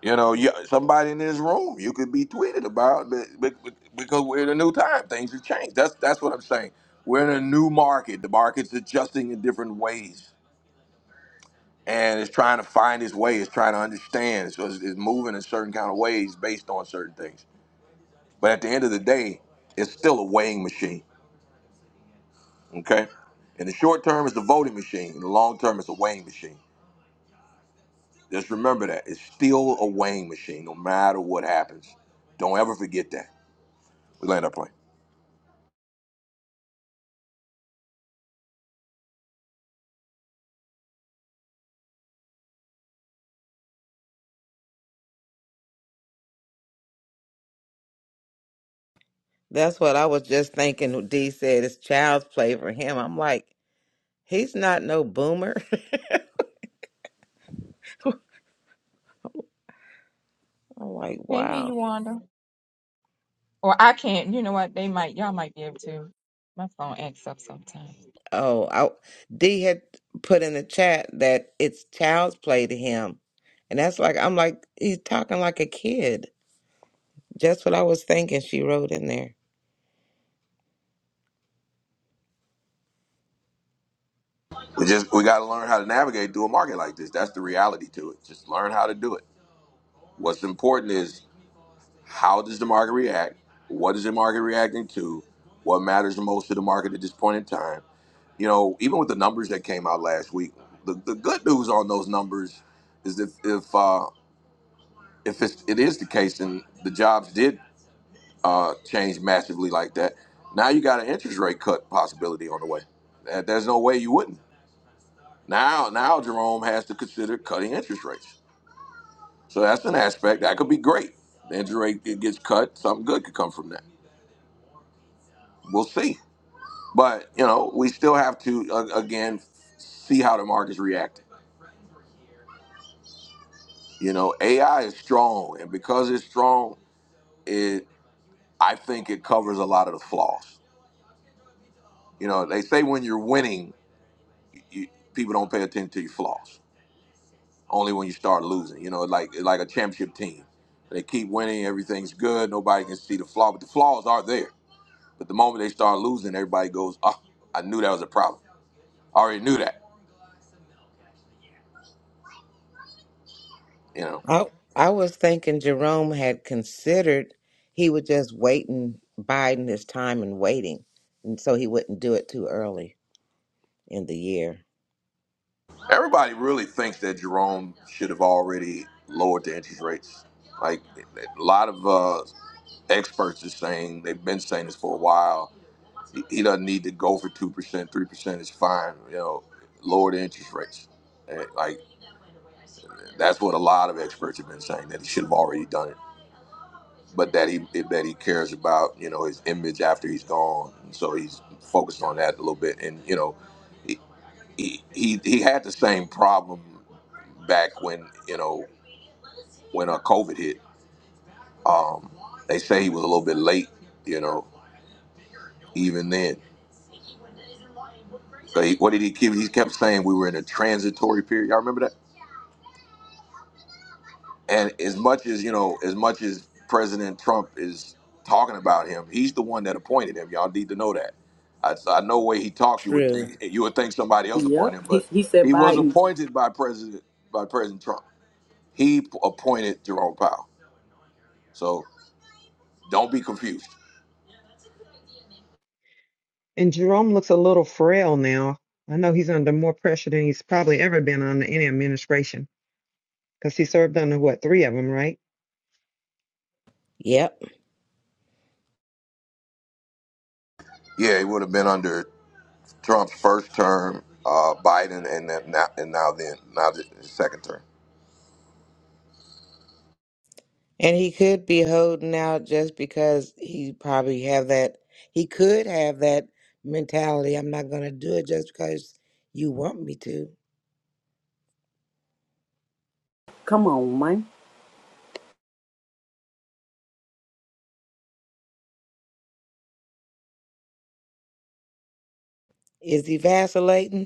You know, you, somebody in this room you could be tweeted about be- be- be- because we're in a new time. Things have changed. That's that's what I'm saying. We're in a new market. The market's adjusting in different ways, and it's trying to find its way. It's trying to understand. So it's, it's moving in certain kind of ways based on certain things. But at the end of the day, it's still a weighing machine. Okay. In the short term, it's a voting machine. In the long term, it's a weighing machine. Just remember that it's still a weighing machine, no matter what happens. Don't ever forget that. We land our plane.
That's what I was just thinking. D said it's child's play for him. I'm like, he's not no boomer. I'm like,
Hey, hey,
wow.
you Wanda. Or I can't. You know what? They might. Y'all might be able to. My phone acts up sometimes.
Oh, I, D had put in the chat that it's child's play to him, and that's like, I'm like, he's talking like a kid. Just what I was thinking. She wrote in there.
We just we got to learn how to navigate through a market like this. That's the reality to it. Just learn how to do it. What's important is how does the market react? What is the market reacting to? What matters the most to the market at this point in time? You know, even with the numbers that came out last week, the, the good news on those numbers is if if uh, if it's, it is the case and the jobs did uh, change massively like that, now you got an interest rate cut possibility on the way. There- There's no way you wouldn't. Now, now Jerome has to consider cutting interest rates So that's an aspect that could be great. The injury rate it gets cut, something good could come from that. We'll see. But you know, we still have to uh, again see how the market's reacting. You know, AI is strong, and because it's strong, it I think it covers a lot of the flaws. You know, they say when you're winning, you, people don't pay attention to your flaws. Only when you start losing. You know, like like a championship team, they keep winning, everything's good, nobody can see the flaw, but the flaws are there But the moment they start losing, everybody goes, "Oh, I knew that was a problem. I already knew that." You know,
I I was thinking Jerome had considered he would just waiting, biding his time and waiting, and so he wouldn't do it too early in the year.
everybody really thinks that Jerome should have already lowered the interest rates. Like a lot of uh, experts are saying, they've been saying this for a while. He, he doesn't need to go for two percent, three percent is fine. You know, lower the interest rates. And, Like that's what a lot of experts have been saying that he should have already done it. But that he that he cares about, you know, his image after he's gone. and So he's focused on that a little bit. And you know, he he he had the same problem back when you know when uh, COVID hit. Um, they say he was a little bit late, you know, even then. So he, what did he keep? He kept saying we were in a transitory period. Y'all remember that? And as much as you know, as much as President Trump is talking about him, he's the one that appointed him. Y'all need to know that. I, so I know way he talks, you would
True.
think you would think somebody else
Yep.
appointed him,
He
but
he said
he was
Biden.
appointed by President by President Trump. He appointed Jerome Powell. So don't be confused.
And Jerome looks a little frail now. I know he's under more pressure than he's probably ever been under any administration. Because he served under what, three of them, right?
Yep,
Yeah, he would have been under Trump's first term, uh, Biden, and then now, and now then now the second term.
and he could be holding out just because he probably have that. He could have that mentality. I'm not gonna do it just because you want me to.
Come on, man.
Is he vacillating?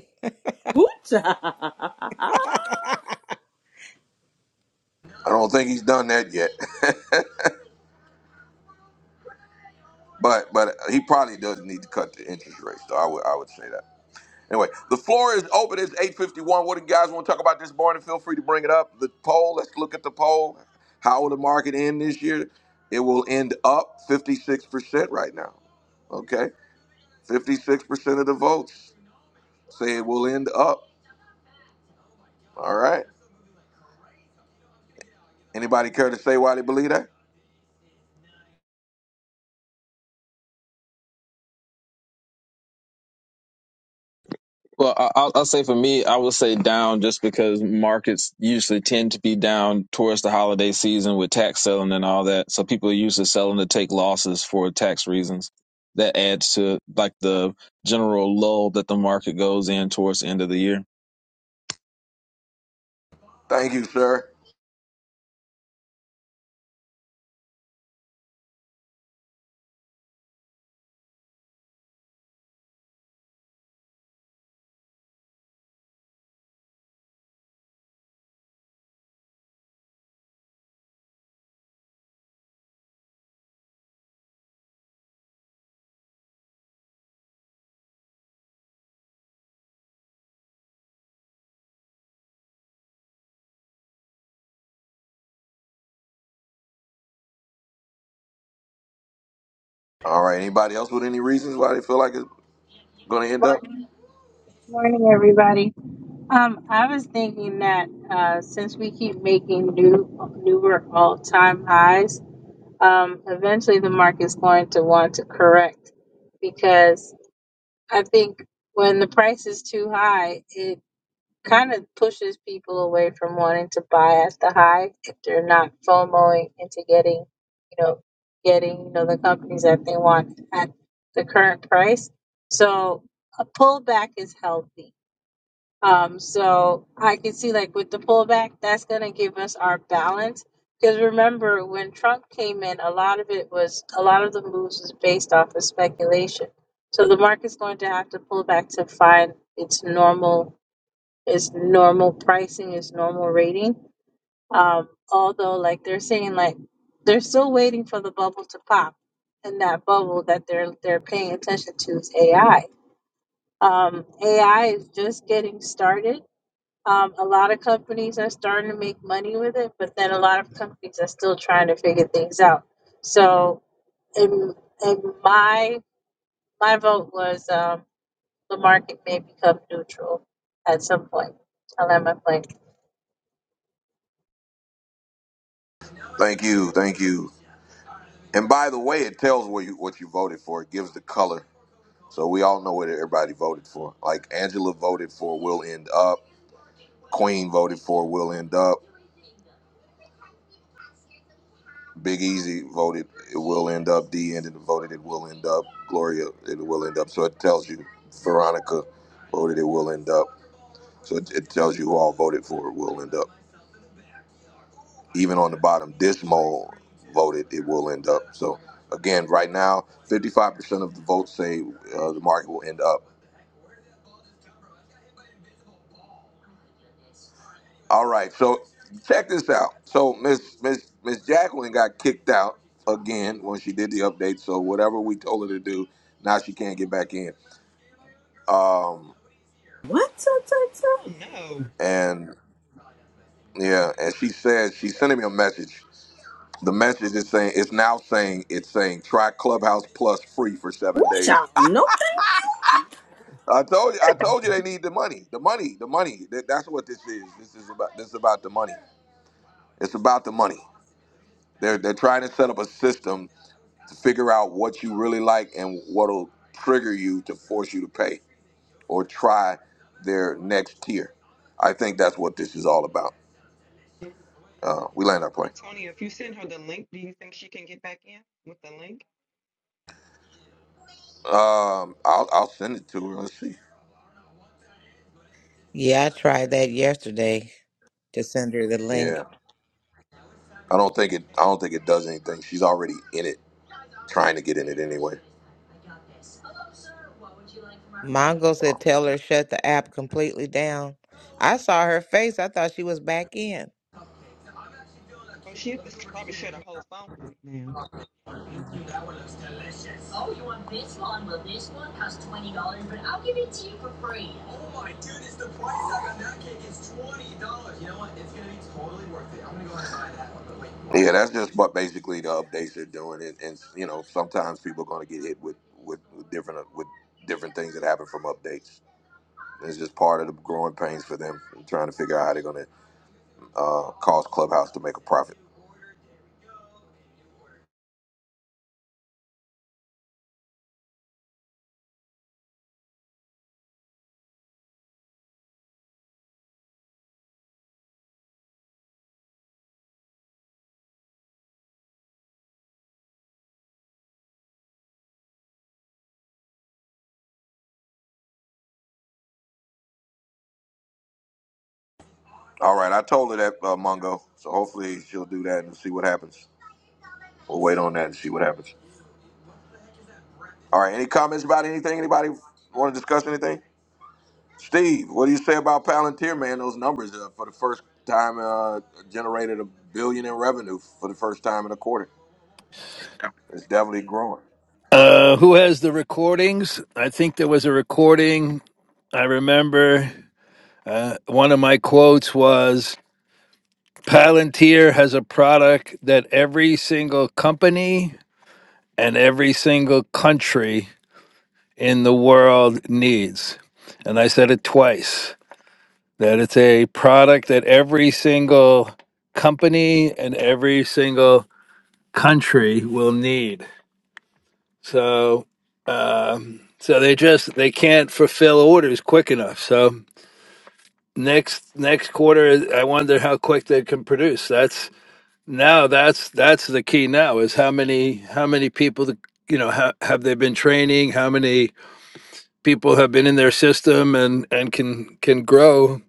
Ooh, child.
I don't think he's done that yet, but but he probably does need to cut the interest rate. So I would I would say that. Anyway, the floor is open. It's eight fifty one. What do you guys want to talk about this morning? Feel free to bring it up. The poll. Let's look at the poll. How will the market end this year? It will end up fifty six percent right now. Okay, fifty six percent of the votes say it will end up. All right. Anybody care to say why they believe that?
Well, I- I'll, I'll say for me, I would say down just because markets usually tend to be down towards the holiday season with tax selling and all that. So people are usually selling to take losses for tax reasons. That adds to like the general lull that the market goes in towards the end of the year.
Thank you, sir. All right. Anybody else with any reasons why they feel like it's going to end up?
Morning, morning, everybody. Um, I was thinking that uh, since we keep making new newer all-time highs, um, eventually the market's going to want to correct because I think when the price is too high, it kind of pushes people away from wanting to buy at the high if they're not FOMOing into getting, you know, getting you know the companies that they want at the current price. So a pullback is healthy Um, so I can see like with the pullback, that's going to give us our balance. Because remember, when Trump came in, a lot of it was a lot of the moves was based off of speculation. So the market's going to have to pull back to find its normal, its normal pricing, its normal rating. Um, although, like they're saying, like they're still waiting for the bubble to pop, and that bubble that they're they're paying attention to is AI. Um, AI is just getting started um, a lot of companies are starting to make money with it, but then a lot of companies are still trying to figure things out. So, in, in my my vote was um, the market may become neutral at some point. I land my plane.
Thank you. Thank you. And by the way, it tells what you what you voted for. It gives the color, so we all know what everybody voted for. Like Angela voted for will end up. Queen voted for will end up. Big Easy voted it will end up. D ended voted it will end up. Gloria it will end up. So it tells you. Veronica voted it will end up. So it, it tells you who all voted for it will end up. even on the bottom, this mole voted it will end up. So again, right now, 55% of the votes say uh, the market will end up. All right, so check this out. So Miss Miss Miss Jacqueline got kicked out again when she did the update. So whatever we told her to do, now she can't get back in. Um,
What? Ta, ta, ta.
Oh no.
and yeah, and she said she sent me a message. The message is saying it's now saying it's saying try Clubhouse Plus free for seven
Ooh,
days
child. No, thank you.
Oh
I told you. I told you
no.
they need the money. The money. The money. That, that's what this is. This is about. This is about the money. It's about the money. They're they're trying to set up a system to figure out what you really like and what'll trigger you to force you to pay or try their next tier. I think that's what this is all about. Uh, we land our plane.
Antonio, if you send her the link, do you think she can get back in with the link?
Um, I'll I'll send it to her. Let's see.
Yeah, I tried that yesterday to send her the link.
Yeah, I don't think it. I don't think it does anything. She's already in it, trying to get in it anyway.
Mongo said, tell her shut the app completely down. I saw her face. I thought she was back in.
Oh, she has to s- probably share the whole phone right now.
Yeah, that's just what basically the updates are doing, and, and you know sometimes people are going to get hit with, with with different with different things that happen from updates. It's just part of the growing pains for them, and trying to figure out how they're going to uh, cause Clubhouse to make a profit. All right, I told her that uh, Mungo, so hopefully she'll do that and see what happens. We'll wait on that and see what happens. All right, any comments about anything? Anybody want to discuss anything? Steve, what do you say about Palantir, man? Those numbers uh, for the first time uh, generated a billion in revenue for the first time in a quarter. It's definitely growing.
Uh, who has the recordings? I think there was a recording. I remember uh, one of my quotes was Palantir has a product that every single company and every single country in the world needs. And I said it twice that it's a product that every single company and every single country will need. So, um, so they just they can't fulfill orders quick enough. So next next quarter, I wonder how quick they can produce. That's now that's that's the key now is how many how many people the, you know ha, have they been training? How many people have been in their system and and can can grow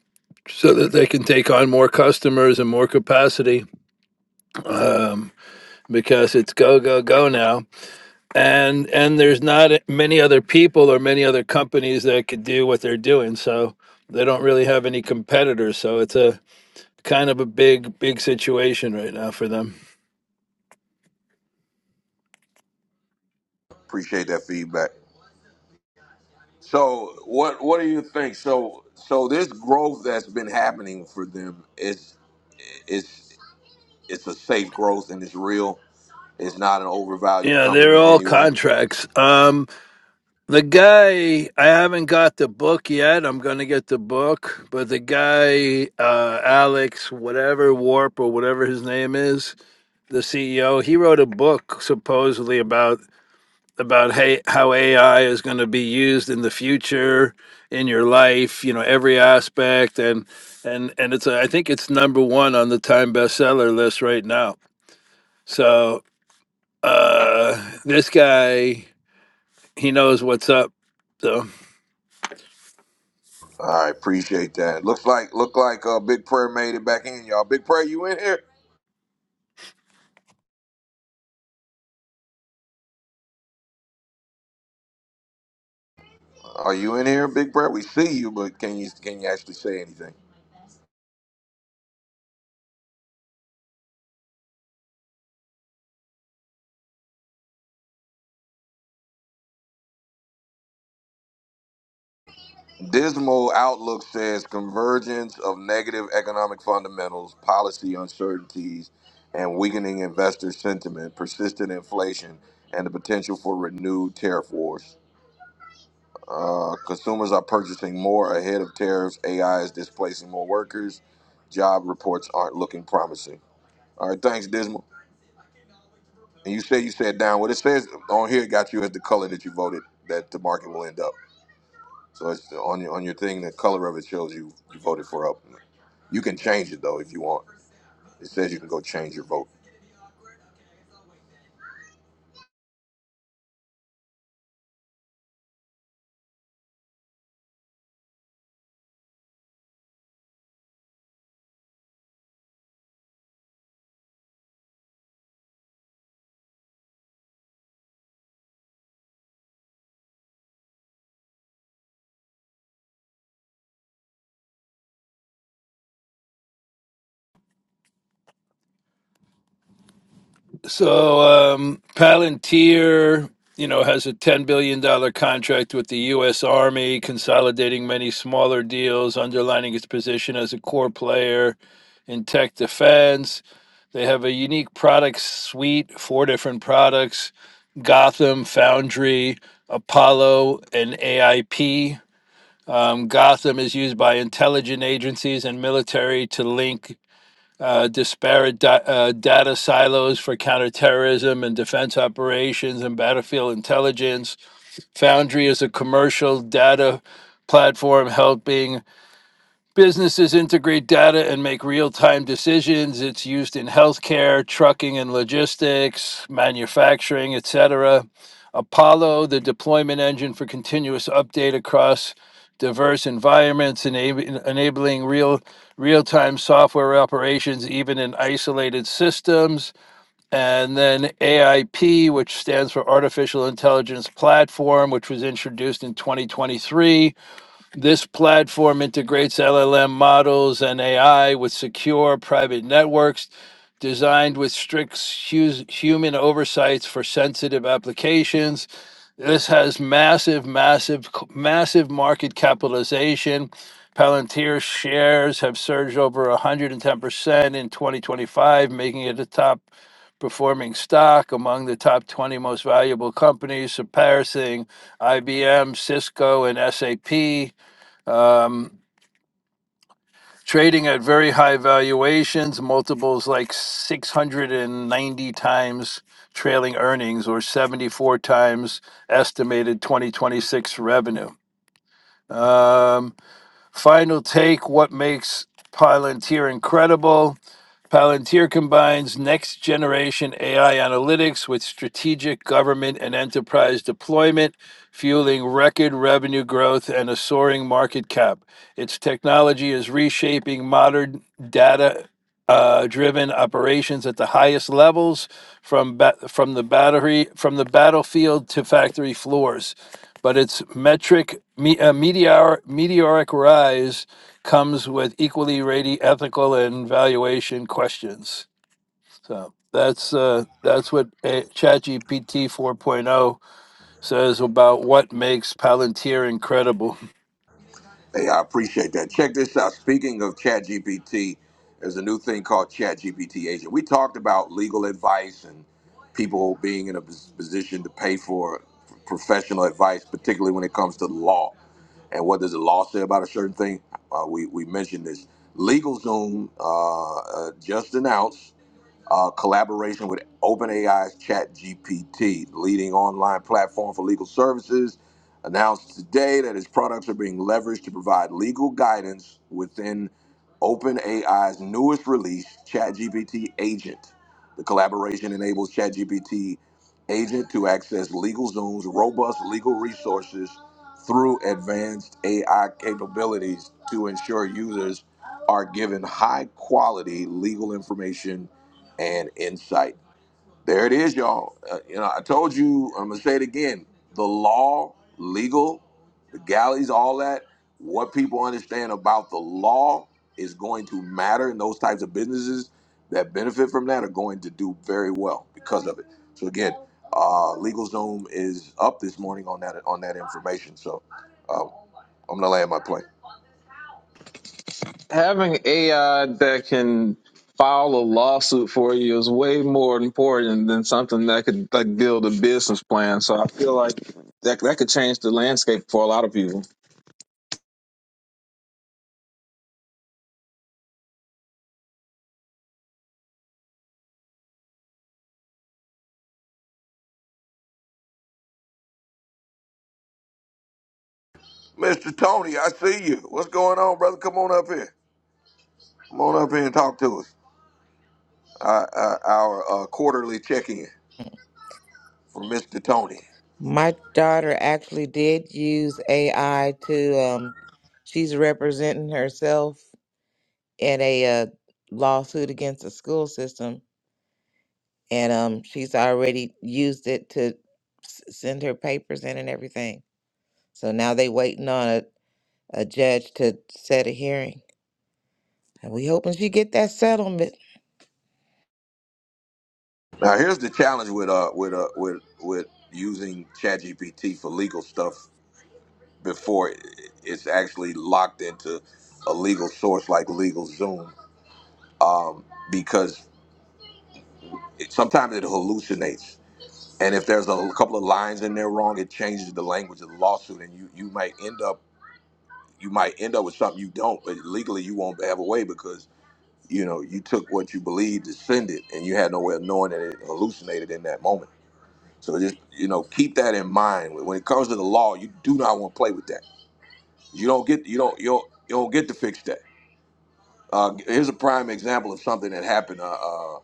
so that they can take on more customers and more capacity um, because it's go go go now and and there's not many other people or many other companies that could do what they're doing so they don't really have any competitors so it's a kind of a big big situation right now for them
Appreciate that feedback. So, what what do you think? So, so this growth that's been happening for them is it's it's a safe growth and it's real. It's not an overvalued
yeah they're
company in
all
any way.
contracts um the guy i haven't got the book yet i'm gonna get the book but the guy uh alex whatever warp or whatever his name is the ceo he wrote a book supposedly about about hey, how AI is going to be used in the future in your life, you know, every aspect, and and and it's a, I think it's number one on the Time bestseller list right now. So uh, this guy, he knows what's up. So
All right, appreciate that. Looks like look like uh, Big Prayer made it back in, y'all. Big Prayer, you in here? Are you in here, Big Brett? We see you, but can you can you actually say anything? Dismal outlook says convergence of negative economic fundamentals, policy uncertainties, and weakening investor sentiment, persistent inflation, and the potential for renewed tariff wars. Uh, consumers are purchasing more ahead of tariffs. AI is displacing more workers. Job reports aren't looking promising. All right, thanks, Dismal. And you say you said down. What it says on here got you as the color that you voted that the market will end up. So it's the, on your on your thing. The color of it shows you you voted for up. You can change it though if you want. It says you can go change your vote.
so um, Palantir. You know, has a ten billion dollar contract with the U.S. Army, consolidating many smaller deals, underlining its position as a core player in tech defense. They have a unique product suite, four different products Gotham, Foundry, Apollo, and AIP. Um, Gotham is used by intelligence agencies and military to link uh, disparate da- uh, data silos for counterterrorism and defense operations and battlefield intelligence. Foundry is a commercial data platform helping Businesses integrate data and make real time decisions. It's used in healthcare, trucking and logistics, manufacturing, etc. Apollo, the deployment engine for continuous update across diverse environments, enab- enabling real real time software operations even in isolated systems. And then AIP, which stands for Artificial Intelligence Platform, which was introduced in 2023 this platform integrates LLM models and AI with secure private networks designed with strict hu- human oversights for sensitive applications. This has massive, massive, massive market capitalization. Palantir shares have surged over 110% in 2025, making it the top performing stock among the top 20 most valuable companies, surpassing IBM, Cisco, and SAP um, trading at very high valuations, multiples like 690 times trailing earnings or 74 times estimated 2026 revenue. Um, final take what makes Palantir incredible? Palantir combines next generation AI analytics with strategic government and enterprise deployment, fueling record revenue growth and a soaring market cap. Its technology is reshaping modern data uh, driven operations at the highest levels from ba- from the battery from the battlefield to factory floors but its metric me, uh, meteor, meteoric rise comes with equally radi ethical and valuation questions. So that's uh, that's what a- ChatGPT 4.0 says about what makes Palantir incredible.
Hey, I appreciate that. Check this out. Speaking of ChatGPT, there's a new thing called ChatGPT Agent. We talked about legal advice and people being in a pos- position to pay for professional advice, particularly when it comes to the law and what does the law say about a certain thing. Uh, we we mentioned this. LegalZoom uh, uh, just announced. uh, collaboration with OpenAI's ChatGPT, leading online platform for legal services, announced today that its products are being leveraged to provide legal guidance within OpenAI's newest release, ChatGPT Agent. The collaboration enables ChatGPT Agent to access LegalZoom's robust legal resources through advanced AI capabilities to ensure users are given high quality legal information and insight. There it is, y'all. Uh, you know, I told you, I'm going to say it again the law, legal, the galleys, all that, what people understand about the law is going to matter. And those types of businesses that benefit from that are going to do very well because of it. So, again, uh, LegalZoom is up this morning on that on that information. So, um, I'm going to land my plane.
Having AI that can file a lawsuit for you is way more important than something that could like build a business plan. So I feel like that that could change the landscape for a lot of people.
Mr. Tony, I see you. What's going on, brother? Come on up here. Come on up here and talk to us. uh, uh, our uh, quarterly check-in from Mr. Tony.
My daughter actually did use AI to, um, she's representing herself in a uh, lawsuit against the school system. And um, she's already used it to s- send her papers in and everything. So now they waiting on a, a judge to set a hearing. And we hoping she get that settlement.
Now, here's the challenge with uh with uh with with using ChatGPT for legal stuff before it- it's actually locked into a legal source like LegalZoom, um, because it, sometimes it hallucinates, and if there's a couple of lines in there wrong, it changes the language of the lawsuit, and you you might end up you might end up with something you don't, but legally you won't have a way because you know, you took what you believed to send it, and you had no way of knowing that it hallucinated in that moment. So just you know, keep that in mind when when it comes to the law. You do not want to play with that. You don't get you don't you don't, you don't get to fix that. Uh, here's a prime example of something that happened. Uh, uh,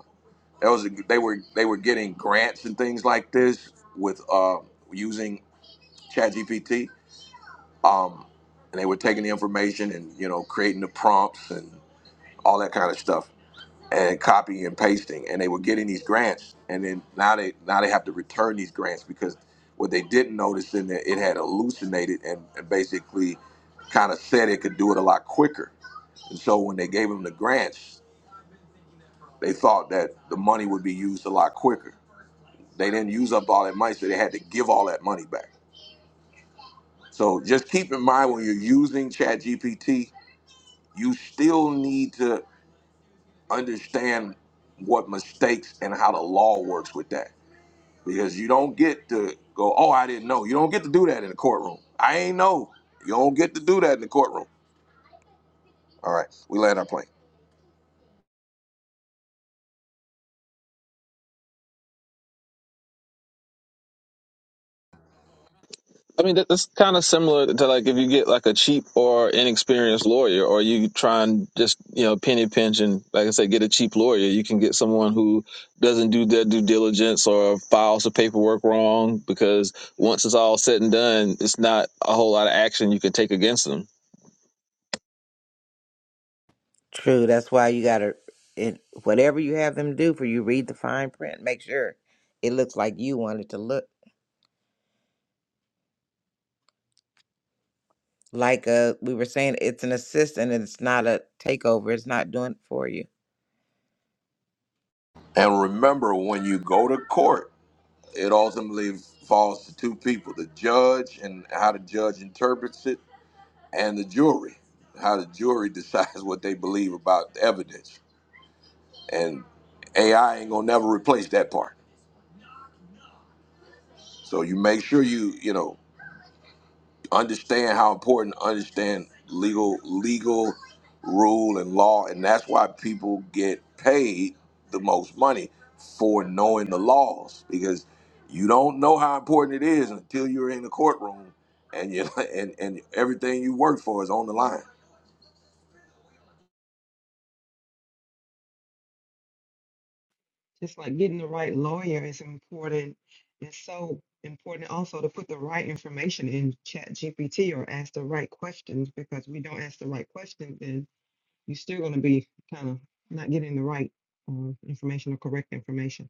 that was a, they were they were getting grants and things like this with uh, using ChatGPT, um, and they were taking the information and you know creating the prompts and all that kind of stuff and copying and pasting and they were getting these grants and then now they now they have to return these grants because what they didn't notice in there it had hallucinated and, and basically kind of said it could do it a lot quicker and so when they gave them the grants they thought that the money would be used a lot quicker they didn't use up all that money so they had to give all that money back so just keep in mind when you're using ChatGPT, you still need to understand what mistakes and how the law works with that because you don't get to go. Oh, I didn't know. You don't get to do that in the courtroom. I ain't know. You don't get to do that in the courtroom. All right, we land our plane.
I mean, that, that's kind of similar to like if you get like a cheap or inexperienced lawyer, or you try and just you know penny pinch and like I said, get a cheap lawyer. You can get someone who doesn't do their due diligence or files the paperwork wrong because once it's all said and done, it's not a whole lot of action you can take against them.
True. That's why you gotta it whatever you have them do for you, read the fine print. Make sure it looks like you want it to look. Like uh we were saying, it's an assistant and it's not a takeover. It's not doing it for you.
And remember, when you go to court, it ultimately falls to two people: the judge and how the judge interprets it, and the jury, how the jury decides what they believe about the evidence. And AI ain't gonna never replace that part. So you make sure you, you know, understand how important to understand legal legal rule and law and that's why people get paid the most money for knowing the laws because you don't know how important it is until you're in the courtroom and you and, and everything you work for is on the line.
Just like getting the right lawyer is important. It's so important also to put the right information in Chat GPT or ask the right questions because we don't ask the right questions, then you're still going to be kind of not getting the right uh, information or correct information.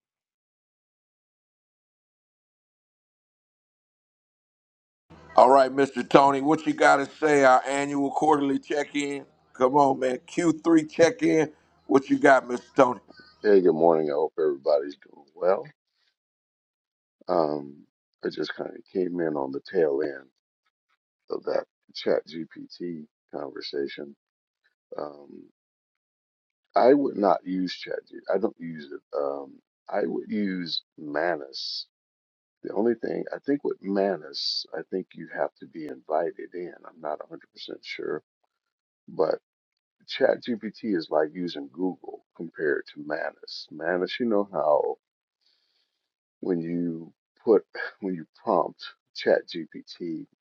All right, Mr. Tony, what you got to say? Our annual quarterly check-in. Come on, man. Q3 check-in. What you got, Mr. Tony?
Hey, good morning. I hope everybody's doing well. Um, I just kind of came in on the tail end of that Chat GPT conversation. Um, I would not use Chat G I don't use it. Um, I would use Manus. The only thing I think with Manus, I think you have to be invited in. I'm not 100% sure, but Chat GPT is like using Google compared to Manus. Manus, you know how. when you put when you prompt ChatGPT,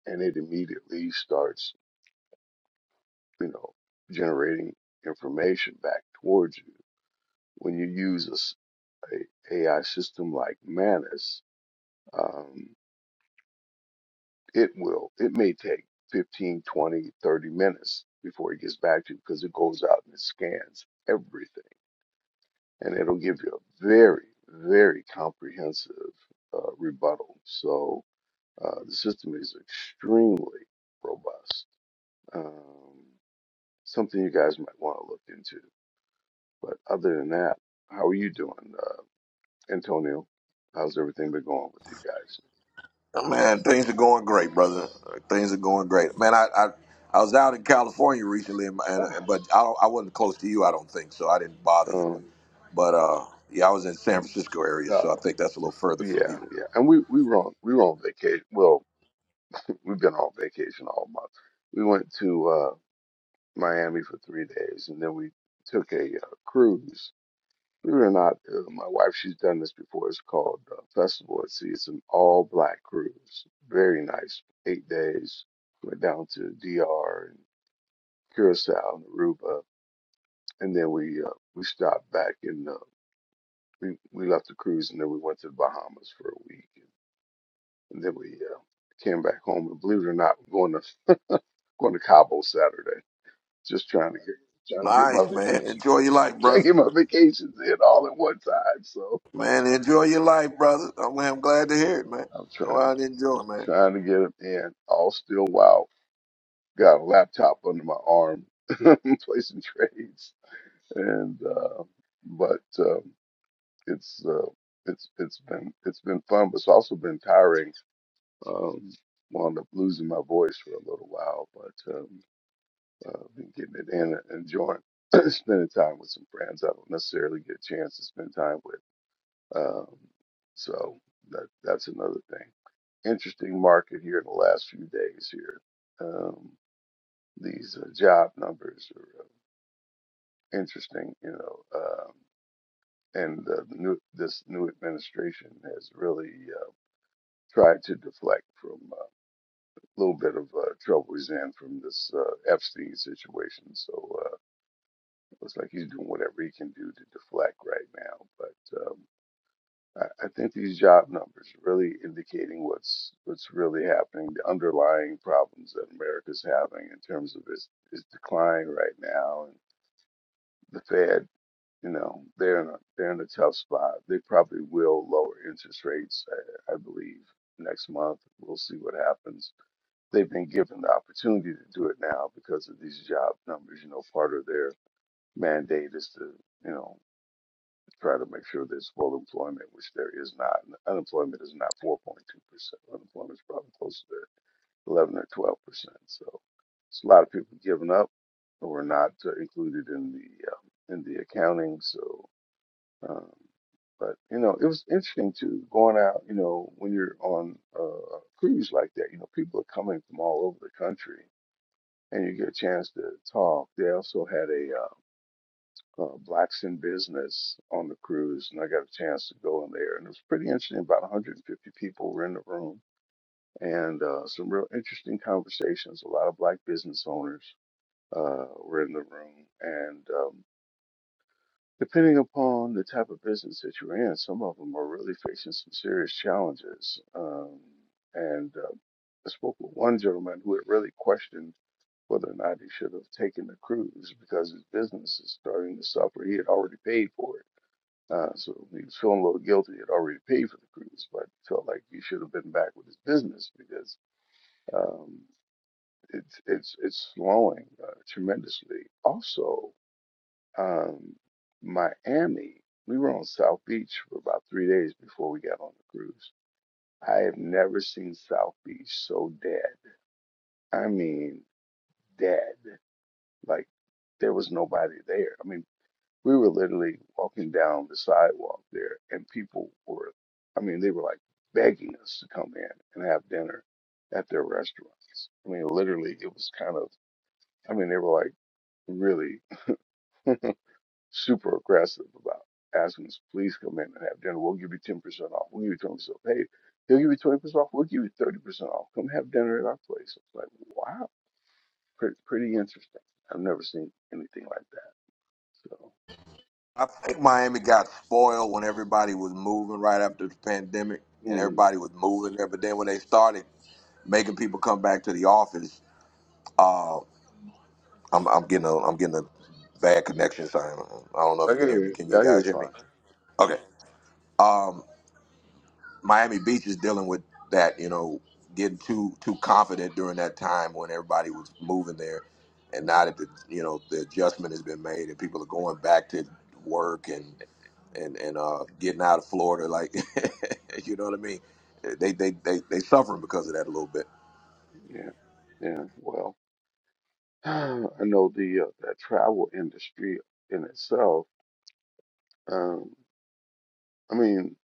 and it immediately starts you know generating information back towards you when you use a, s- a ai system like manus um, it will it may take 15, 20, 30 minutes before it gets back to you because it goes out and it scans everything and it'll give you a very very comprehensive uh, rebuttal so Uh, the system is extremely robust. Um, something you guys might want to look into. But other than that, how are you doing, uh, Antonio? How's everything been going with you
Uh, Man, things are going great, brother. Uh, Things are going great. Man, I I, I was out in California recently, and,
guys?
and but I don't, I wasn't close to you, I don't think, so I didn't bother you.
Um,
But uh, yeah, I was in San Francisco area, so I
oh,
think that's a little further
yeah,
from you.
yeah. And we we were on we were on vacation. Well, we've been on vacation all month. We went to uh, Miami for three days, and then we took a uh, cruise Believe it or not, uh, my wife, she's done this before. It's called uh, Festival at Sea. It's an all black cruise. Very nice. Eight days. Went down to DR and Curacao and Aruba. And then we, uh, we stopped back and uh, we, we left the cruise and then we went to the Bahamas for a week. And then we, uh, came back home and believe it or not, we're going to, going to Cabo Saturday. Just trying to get, trying to get my
Nice, man.
vacation,
Enjoy your life,
trying to
brother.
get my vacations in all at one time. So
Man, enjoy your life, brother. I'm, I'm glad to hear it, man.
I'm
Go
trying.
out and enjoy, man.
trying to get it in, all still wild. Got a laptop under my arm, placing trades, and uh, but um, it's uh, it's it's been it's been fun, but it's also been tiring. Um, wound up losing my voice for a little while, but um, uh, been getting it in and enjoying spending time with some friends I don't necessarily get a chance to spend time with. Um, so that that's another thing. Interesting market here in the last few days here. Um, these uh, job numbers are uh, interesting, you know, um, and uh, the new this new administration has really uh, tried to deflect from uh, a little bit of uh, trouble he's in from this uh, Epstein situation. So uh, looks like he's doing whatever he can do to deflect right now, but. um, I I think these job numbers are really indicating what's what's really happening, the underlying problems that America's having in terms of its its decline right now. And the Fed, you know, they're in a they're in a tough spot. They probably will lower interest rates, I, I believe, next month. We'll see what happens. They've been given the opportunity to do it now because of these job numbers. You know, part of their mandate is to, you know, try to make sure there's full employment, which there is not. Unemployment is not 4.2%. Unemployment is probably closer to 11 or 12%. So it's a lot of people giving up or not uh, included in the um, in the accounting. So, um, but you know, it was interesting too going out. You know, when you're on a a cruise like that, you know, people are coming from all over the country, and you get a chance to talk. They also had a uh, uh, Blacks in Business on the cruise, and I got a chance to go in there, and it was pretty interesting. About 150 people were in the room, and uh, some real interesting conversations. A lot of Black business owners uh, were in the room, and um, depending upon the type of business that you're in, some of them are really facing some serious challenges. Um, and uh, I spoke with one gentleman who had really questioned whether or not he should have taken the cruise because his business is starting to suffer. He had already paid for it uh, so he was feeling a little guilty. He had already paid for the cruise, but felt like he should have been back with his business because um, it's it's it's slowing uh, tremendously. Also, um, Miami. We were on South Beach for about three days before we got on the cruise. I have never seen South Beach so dead. I mean, dead. Like there was nobody there. I mean. We were literally walking down the sidewalk there, and people were, I mean, they were like begging us to come in and have dinner at their restaurants. I mean, literally, it was kind of, I mean, they were like really super aggressive about asking us, please come in and have dinner. We'll give you 10% off. We'll give you 20% off. Hey, they'll give you 20% off. We'll give you 30% off. Come have dinner at our place. It's like, wow, pretty, pretty interesting. I've never seen anything like that. So,
I think Miami got spoiled when everybody was moving right after the pandemic, and
mm,
everybody was moving there. But then when they started making people come back to the office. uh, I'm I'm getting a I'm getting a bad connection, so I don't I don't know if
I
you can
hear
hear me.
you.
Can you
I hear you
guys hear me?
fine.
Okay. Um, Miami Beach is dealing with that, you know, getting too too confident during that time when everybody was moving there, and now that the you know the adjustment has been made and people are going back to work and and and uh, getting out of Florida, like you know what I mean? They they they they suffering because of that a little bit.
Yeah, yeah. Well, I know the uh, that travel industry in itself. Um, I mean,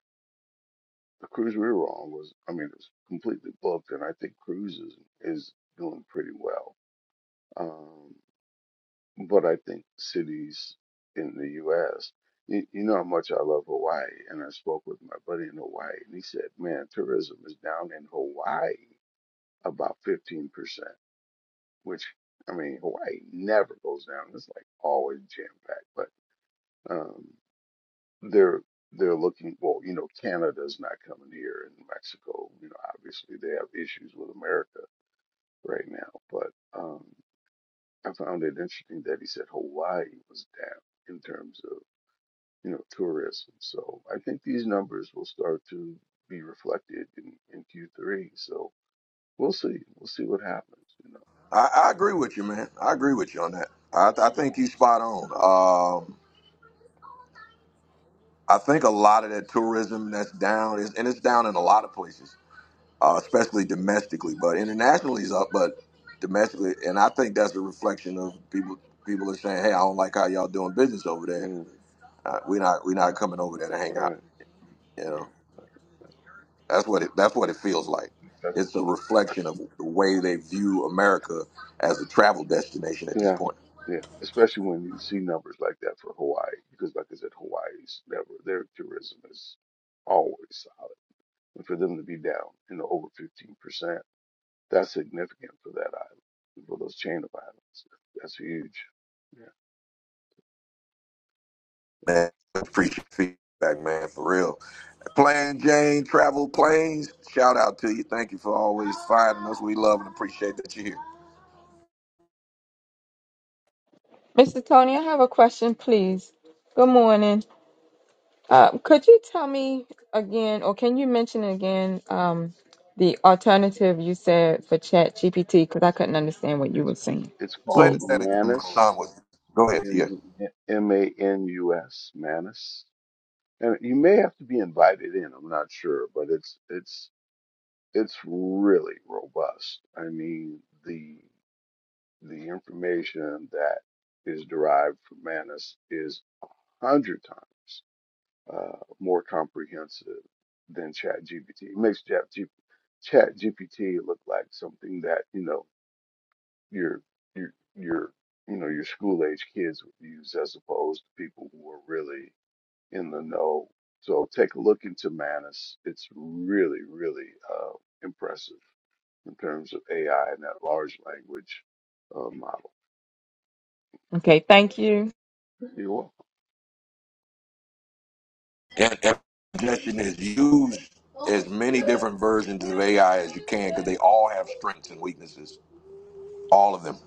the cruise we were on was, I mean, it's completely booked, and I think cruises is doing pretty well. Um, but I think cities in the U.S. You, you know how much I love Hawaii, and I spoke with my buddy in Hawaii, and he said, "Man, tourism is down in Hawaii about 15%." which I mean Hawaii never goes down. It's like always jam packed. But um, they're they're looking well, you know, Canada's not coming here and Mexico, you know, obviously they have issues with America right now. But um I found it interesting that he said Hawaii was down in terms of, you know, tourism. So I think these numbers will start to be reflected in, in Q three. So we'll see. We'll see what happens,
I, I agree with you, man. I agree with you on that. I, I think he's spot on. Um, I think a lot of that tourism that's down is, and it's down in a lot of places, uh, especially domestically, but internationally is up, but domestically, and I think that's a reflection of people. People are saying, "Hey, I don't like how y'all doing business over
you know.
there.
Mm,
Uh, we're not, we're not coming over there to hang out."
right.
You know,
right.
that's what it, that's what it feels like.
Well,
It's
Texas.
a reflection of the way they view America as a travel destination at this
Yeah,
point.
yeah. Especially when you see numbers like that for Hawaii, because like I said, Hawaii's never their tourism is always solid, and for them to be down you know over fifteen percent, that's significant for that island, for those chain of islands. That's huge. Yeah,
man. Appreciate feedback, man, for real. Plain Jane Travel Planes, shout out to you. Thank you for always finding us. We love and appreciate that you're here.
Mr. Tony, I have a question, please. Good morning. Uh, could you tell me again, or can you mention again, um, the alternative you said for Chat GPT? Because I couldn't understand what you were
it's
saying,
it's
Say
called
please.
that again, my
Manus,
son was. Go ahead, yeah.
M M A N U S, Manus, and you may have to be invited in. I'm not sure, but it's it's it's really robust. I mean, the the information that is derived from Manus is a hundred times uh, more comprehensive than ChatGPT. It makes ChatGPT ChatGPT look like something that you know your your your you know your school age kids would use as opposed to people who are really in the know. So take a look into Manus. It's really really uh, impressive. in terms of AI and that large language uh, model.
Okay, thank you.
You know,
And, and suggestion is use as many different versions of AI as you can because they all have strengths and weaknesses. All of them.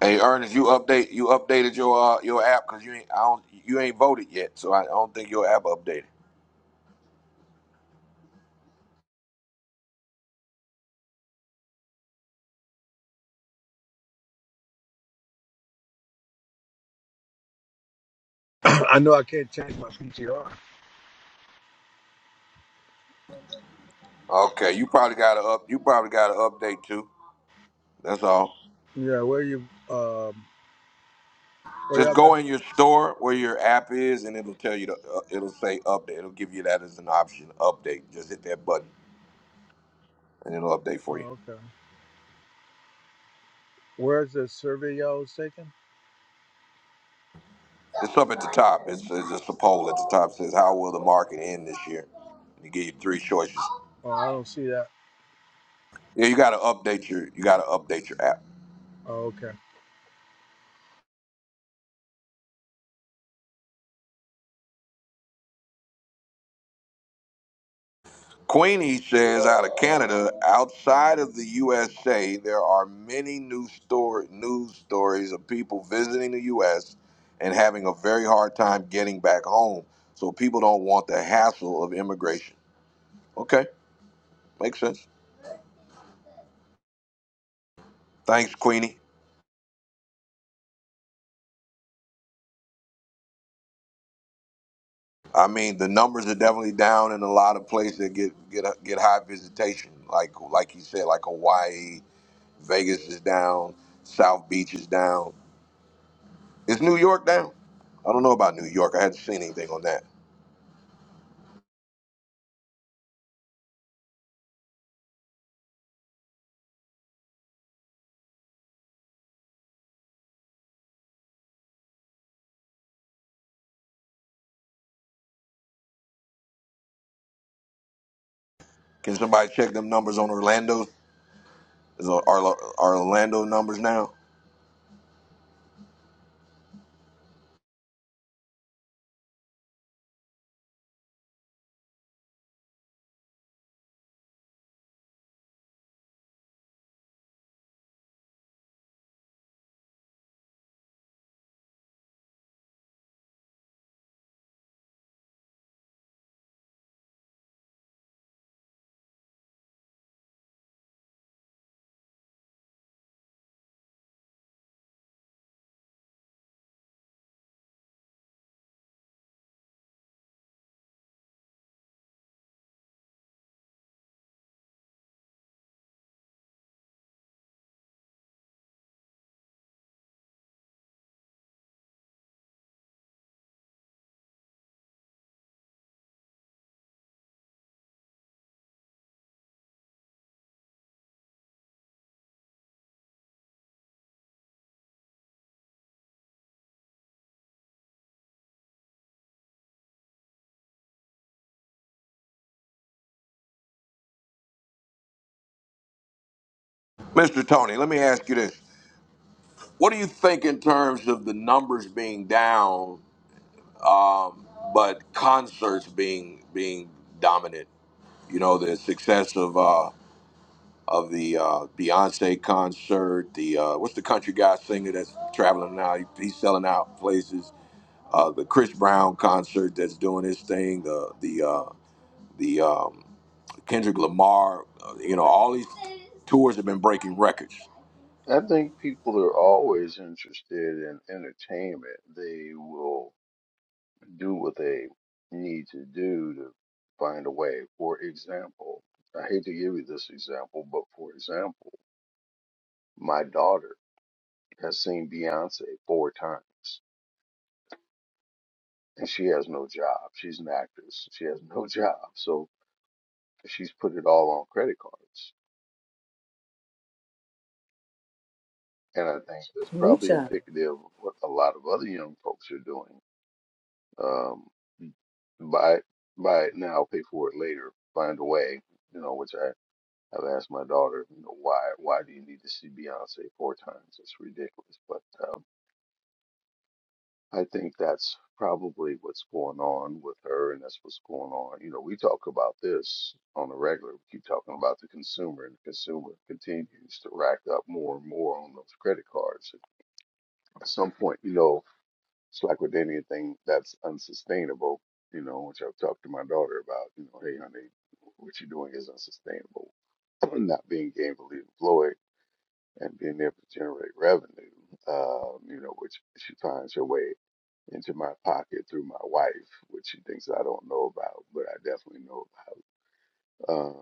Hey, Ernest, you update you updated your uh, your app because you ain't I don't, you ain't voted yet, so I don't think your app updated.
I know I can't change my PTR.
Okay, you probably got to up. You probably got to update too. That's all.
Yeah, where you um where
Just
y'all got
go in your store where your app is, and it'll tell you. To, uh, it'll say update. It'll give you that as an option. Update. Just hit that button, and it'll update for you.
oh okay. Where's the survey y'all was taking?
It's up at the top. It's, it's just a poll at the top. It says how will the market end this year? And it give you three choices.
Oh I don't see that.
Yeah, you got to update your. You got to update your app.
Oh, okay.
Queenie says out of Canada, outside of the USA, there are many news story news stories of people visiting the US and having a very hard time getting back home. So people don't want the hassle of immigration. Okay, makes sense. Thanks, Queenie. I mean, the numbers are definitely down in a lot of places that get get get high visitation, like like you said, like Hawaii, Vegas is down, South Beach is down Is New York down? I don't know about New York. I haven't seen anything on that. Can somebody check them numbers on Orlando? Is our our Orlando numbers now? Mr. Tony, let me ask you this. What do you think in terms of the numbers being down, um, but concerts being being dominant? You know, the success of uh, of the uh, Beyonce concert, the uh, what's the country guy singer that's traveling now? He, he's selling out places. uh, the Chris Brown concert that's doing his thing, the the uh, the um, Kendrick Lamar, uh, you know, all these tours have been breaking records.
I think people are always interested in entertainment. They will do what they need to do to find a way. For example, I hate to give you this example, but for example, my daughter has seen Beyonce four times and she has no job. She's an actress. She has no job. So she's put it all on credit cards And I think that's
Ooh,
probably
child.
indicative of what a lot of other young folks are doing. Um, buy it, buy it now, pay for it later, find a way. You know, which I have asked my daughter, you know, why why do you need to see Beyonce four times? It's ridiculous. But um, I think that's probably what's going on with her, and that's what's going on. You know, we talk about this on a regular. We keep talking about the consumer, and the consumer continues to rack up more and more on those credit cards. At some point, you know, It's like with anything that's unsustainable, you know, which I've talked to my daughter about, you know, hey, honey, what you're doing is unsustainable. Not being gainfully employed and being able to generate revenue, um, you know, which she finds her way into my pocket through my wife, which she thinks I don't know about, but I definitely know about. Um,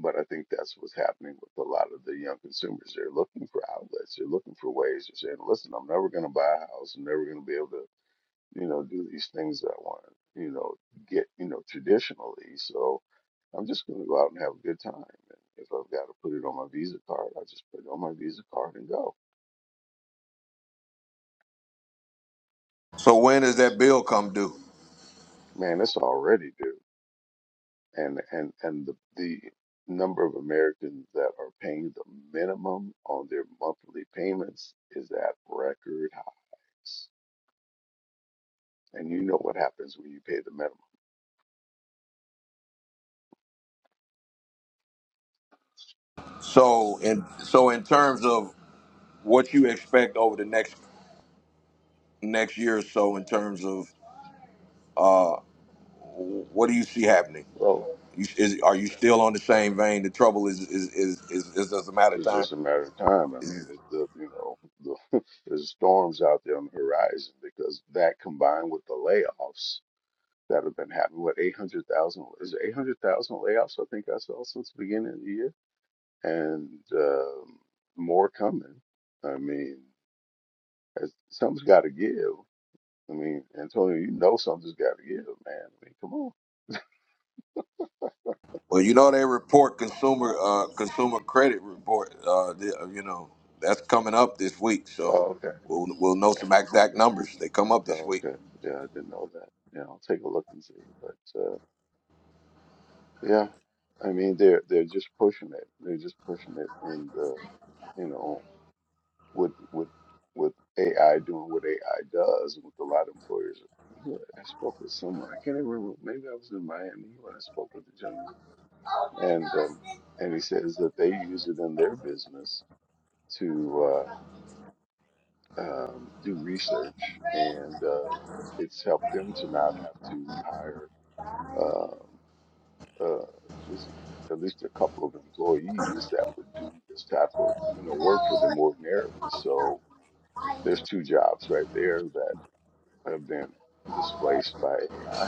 but I think that's what's happening with a lot of the young consumers. They're looking for outlets. They're looking for ways. They're saying, listen, I'm never going to buy a house. I'm never going to be able to you know, do these things that I want to, you know, get, you know, traditionally. So I'm just going to go out and have a good time. And if I've got to put it on my Visa card, I just put it on my Visa card and go.
So when does that bill come due?
Man, that's already due. And and and the the number of Americans that are paying the minimum on their monthly payments is at record highs. And you know what happens when you pay the minimum.
So in so in terms of what you expect over the next next year or so, in terms of uh, what do you see happening?
So
You, is, are you still on the same vein? The trouble is is is, is, is just a matter of
It's just a
time.
matter of time. I mean, it's the you know the there's storms out there on the horizon because that combined with the layoffs that have been happening. What eight hundred thousand is eight hundred thousand layoffs? I think I saw since the beginning of the year, and um, more coming. I mean, it's- something's got to give. I mean, Antonio, you know something's got to give, man. I mean, come on.
Well, you know they report consumer uh, consumer credit report. Uh, the, uh, you know that's coming up this week, so
Oh, okay.
we'll we'll know some exact numbers. They come up this
Oh,
week.
okay. Yeah, I didn't know that. Yeah, I'll take a look and see. But. uh, Yeah, I mean they're they're just pushing it. They're just pushing it, and uh, you know, with with with AI doing what AI does, with a lot of employers. who- I spoke with someone. I can't even remember. Maybe I was in Miami when I spoke with the gentleman, and um, and he says that they use it in their business to uh, um, do research, and um, it's helped them to not have to hire. um, uh, was at least a couple of employees that would do this type of you know work for them ordinarily. So there's two jobs right there that have been displaced by AI.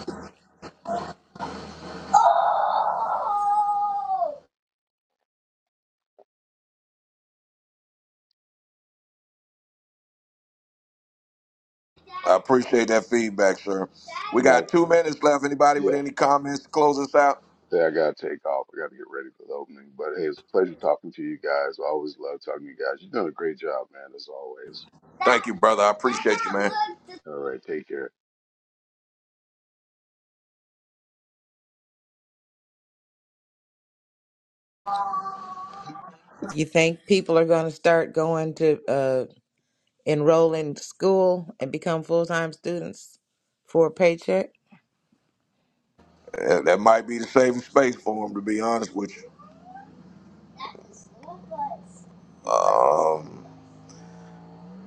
I appreciate that feedback, sir. We
Not,
got two
um,
minutes left. Anybody with
yeah,
any comments to close us out?
Say I gotta take off. I gotta get ready for the opening. But hey, it's a pleasure talking to you guys. I always love talking to you guys. You've done a great job, man, as always.
Thank you, brother. I appreciate you, man.
All right, take care.
You think people are gonna start going to uh enroll in school and become full time students for a paycheck?
Uh, that might be the saving space for him, to be honest with you. Um,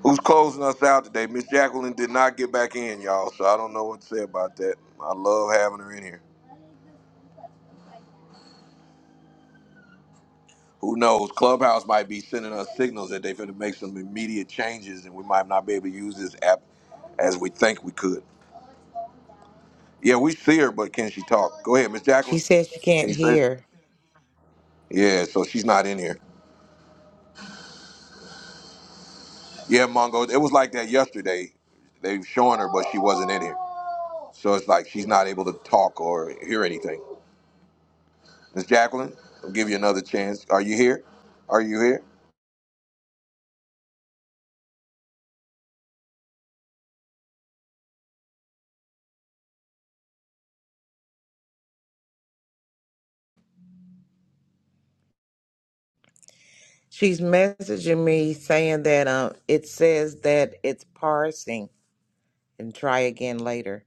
who's closing us out today? Miss Jacqueline did not get back in, y'all, so I don't know what to say about that. I love having her in here. Who knows? Clubhouse might be sending us signals that they're going to make some immediate changes, and we might not be able to use this app as we think we could. Yeah, we see her, but can she talk? Go ahead, Miss
She
Jacqueline.
says she
Can
can't
you say?
hear.
Yeah, so she's not in here. Yeah, Mongo. It was like that yesterday. They were showing her, but she wasn't in here. So it's like she's not able to talk or hear anything. Miss Jacqueline, I'll give you another chance. Are you here? Are you here?
She's messaging me saying that uh, it says that it's parsing and try again later.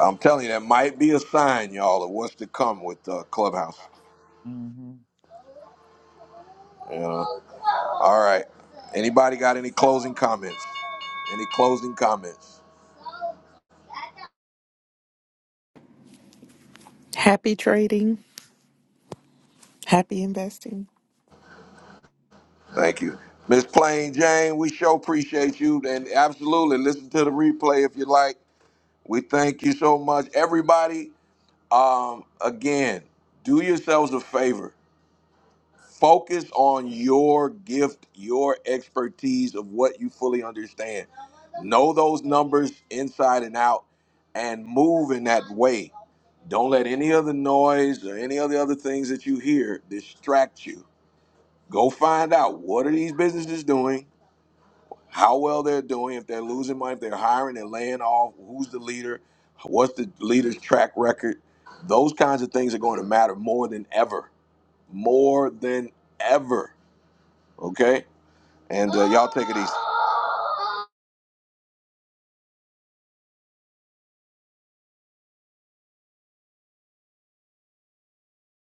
I'm telling you, that might be a sign, y'all, of what's to come with uh, Clubhouse. You know? All right. Anybody got any closing comments? Any closing comments?
Happy trading. Happy investing.
Thank you. Miss Plain Jane, we sure appreciate you. And absolutely listen to the replay if you like. We thank you so much. Everybody, um, again, do yourselves a favor. Focus on your gift, your expertise of what you fully understand. Know those numbers inside and out and move in that way. Don't let any other noise or any of the other things that you hear distract you. Go find out what are these businesses doing, how well they're doing, if they're losing money, if they're hiring, they're laying off, who's the leader, what's the leader's track record. Those kinds of things are going to matter more than ever. More than ever Okay? And uh, y'all take it easy.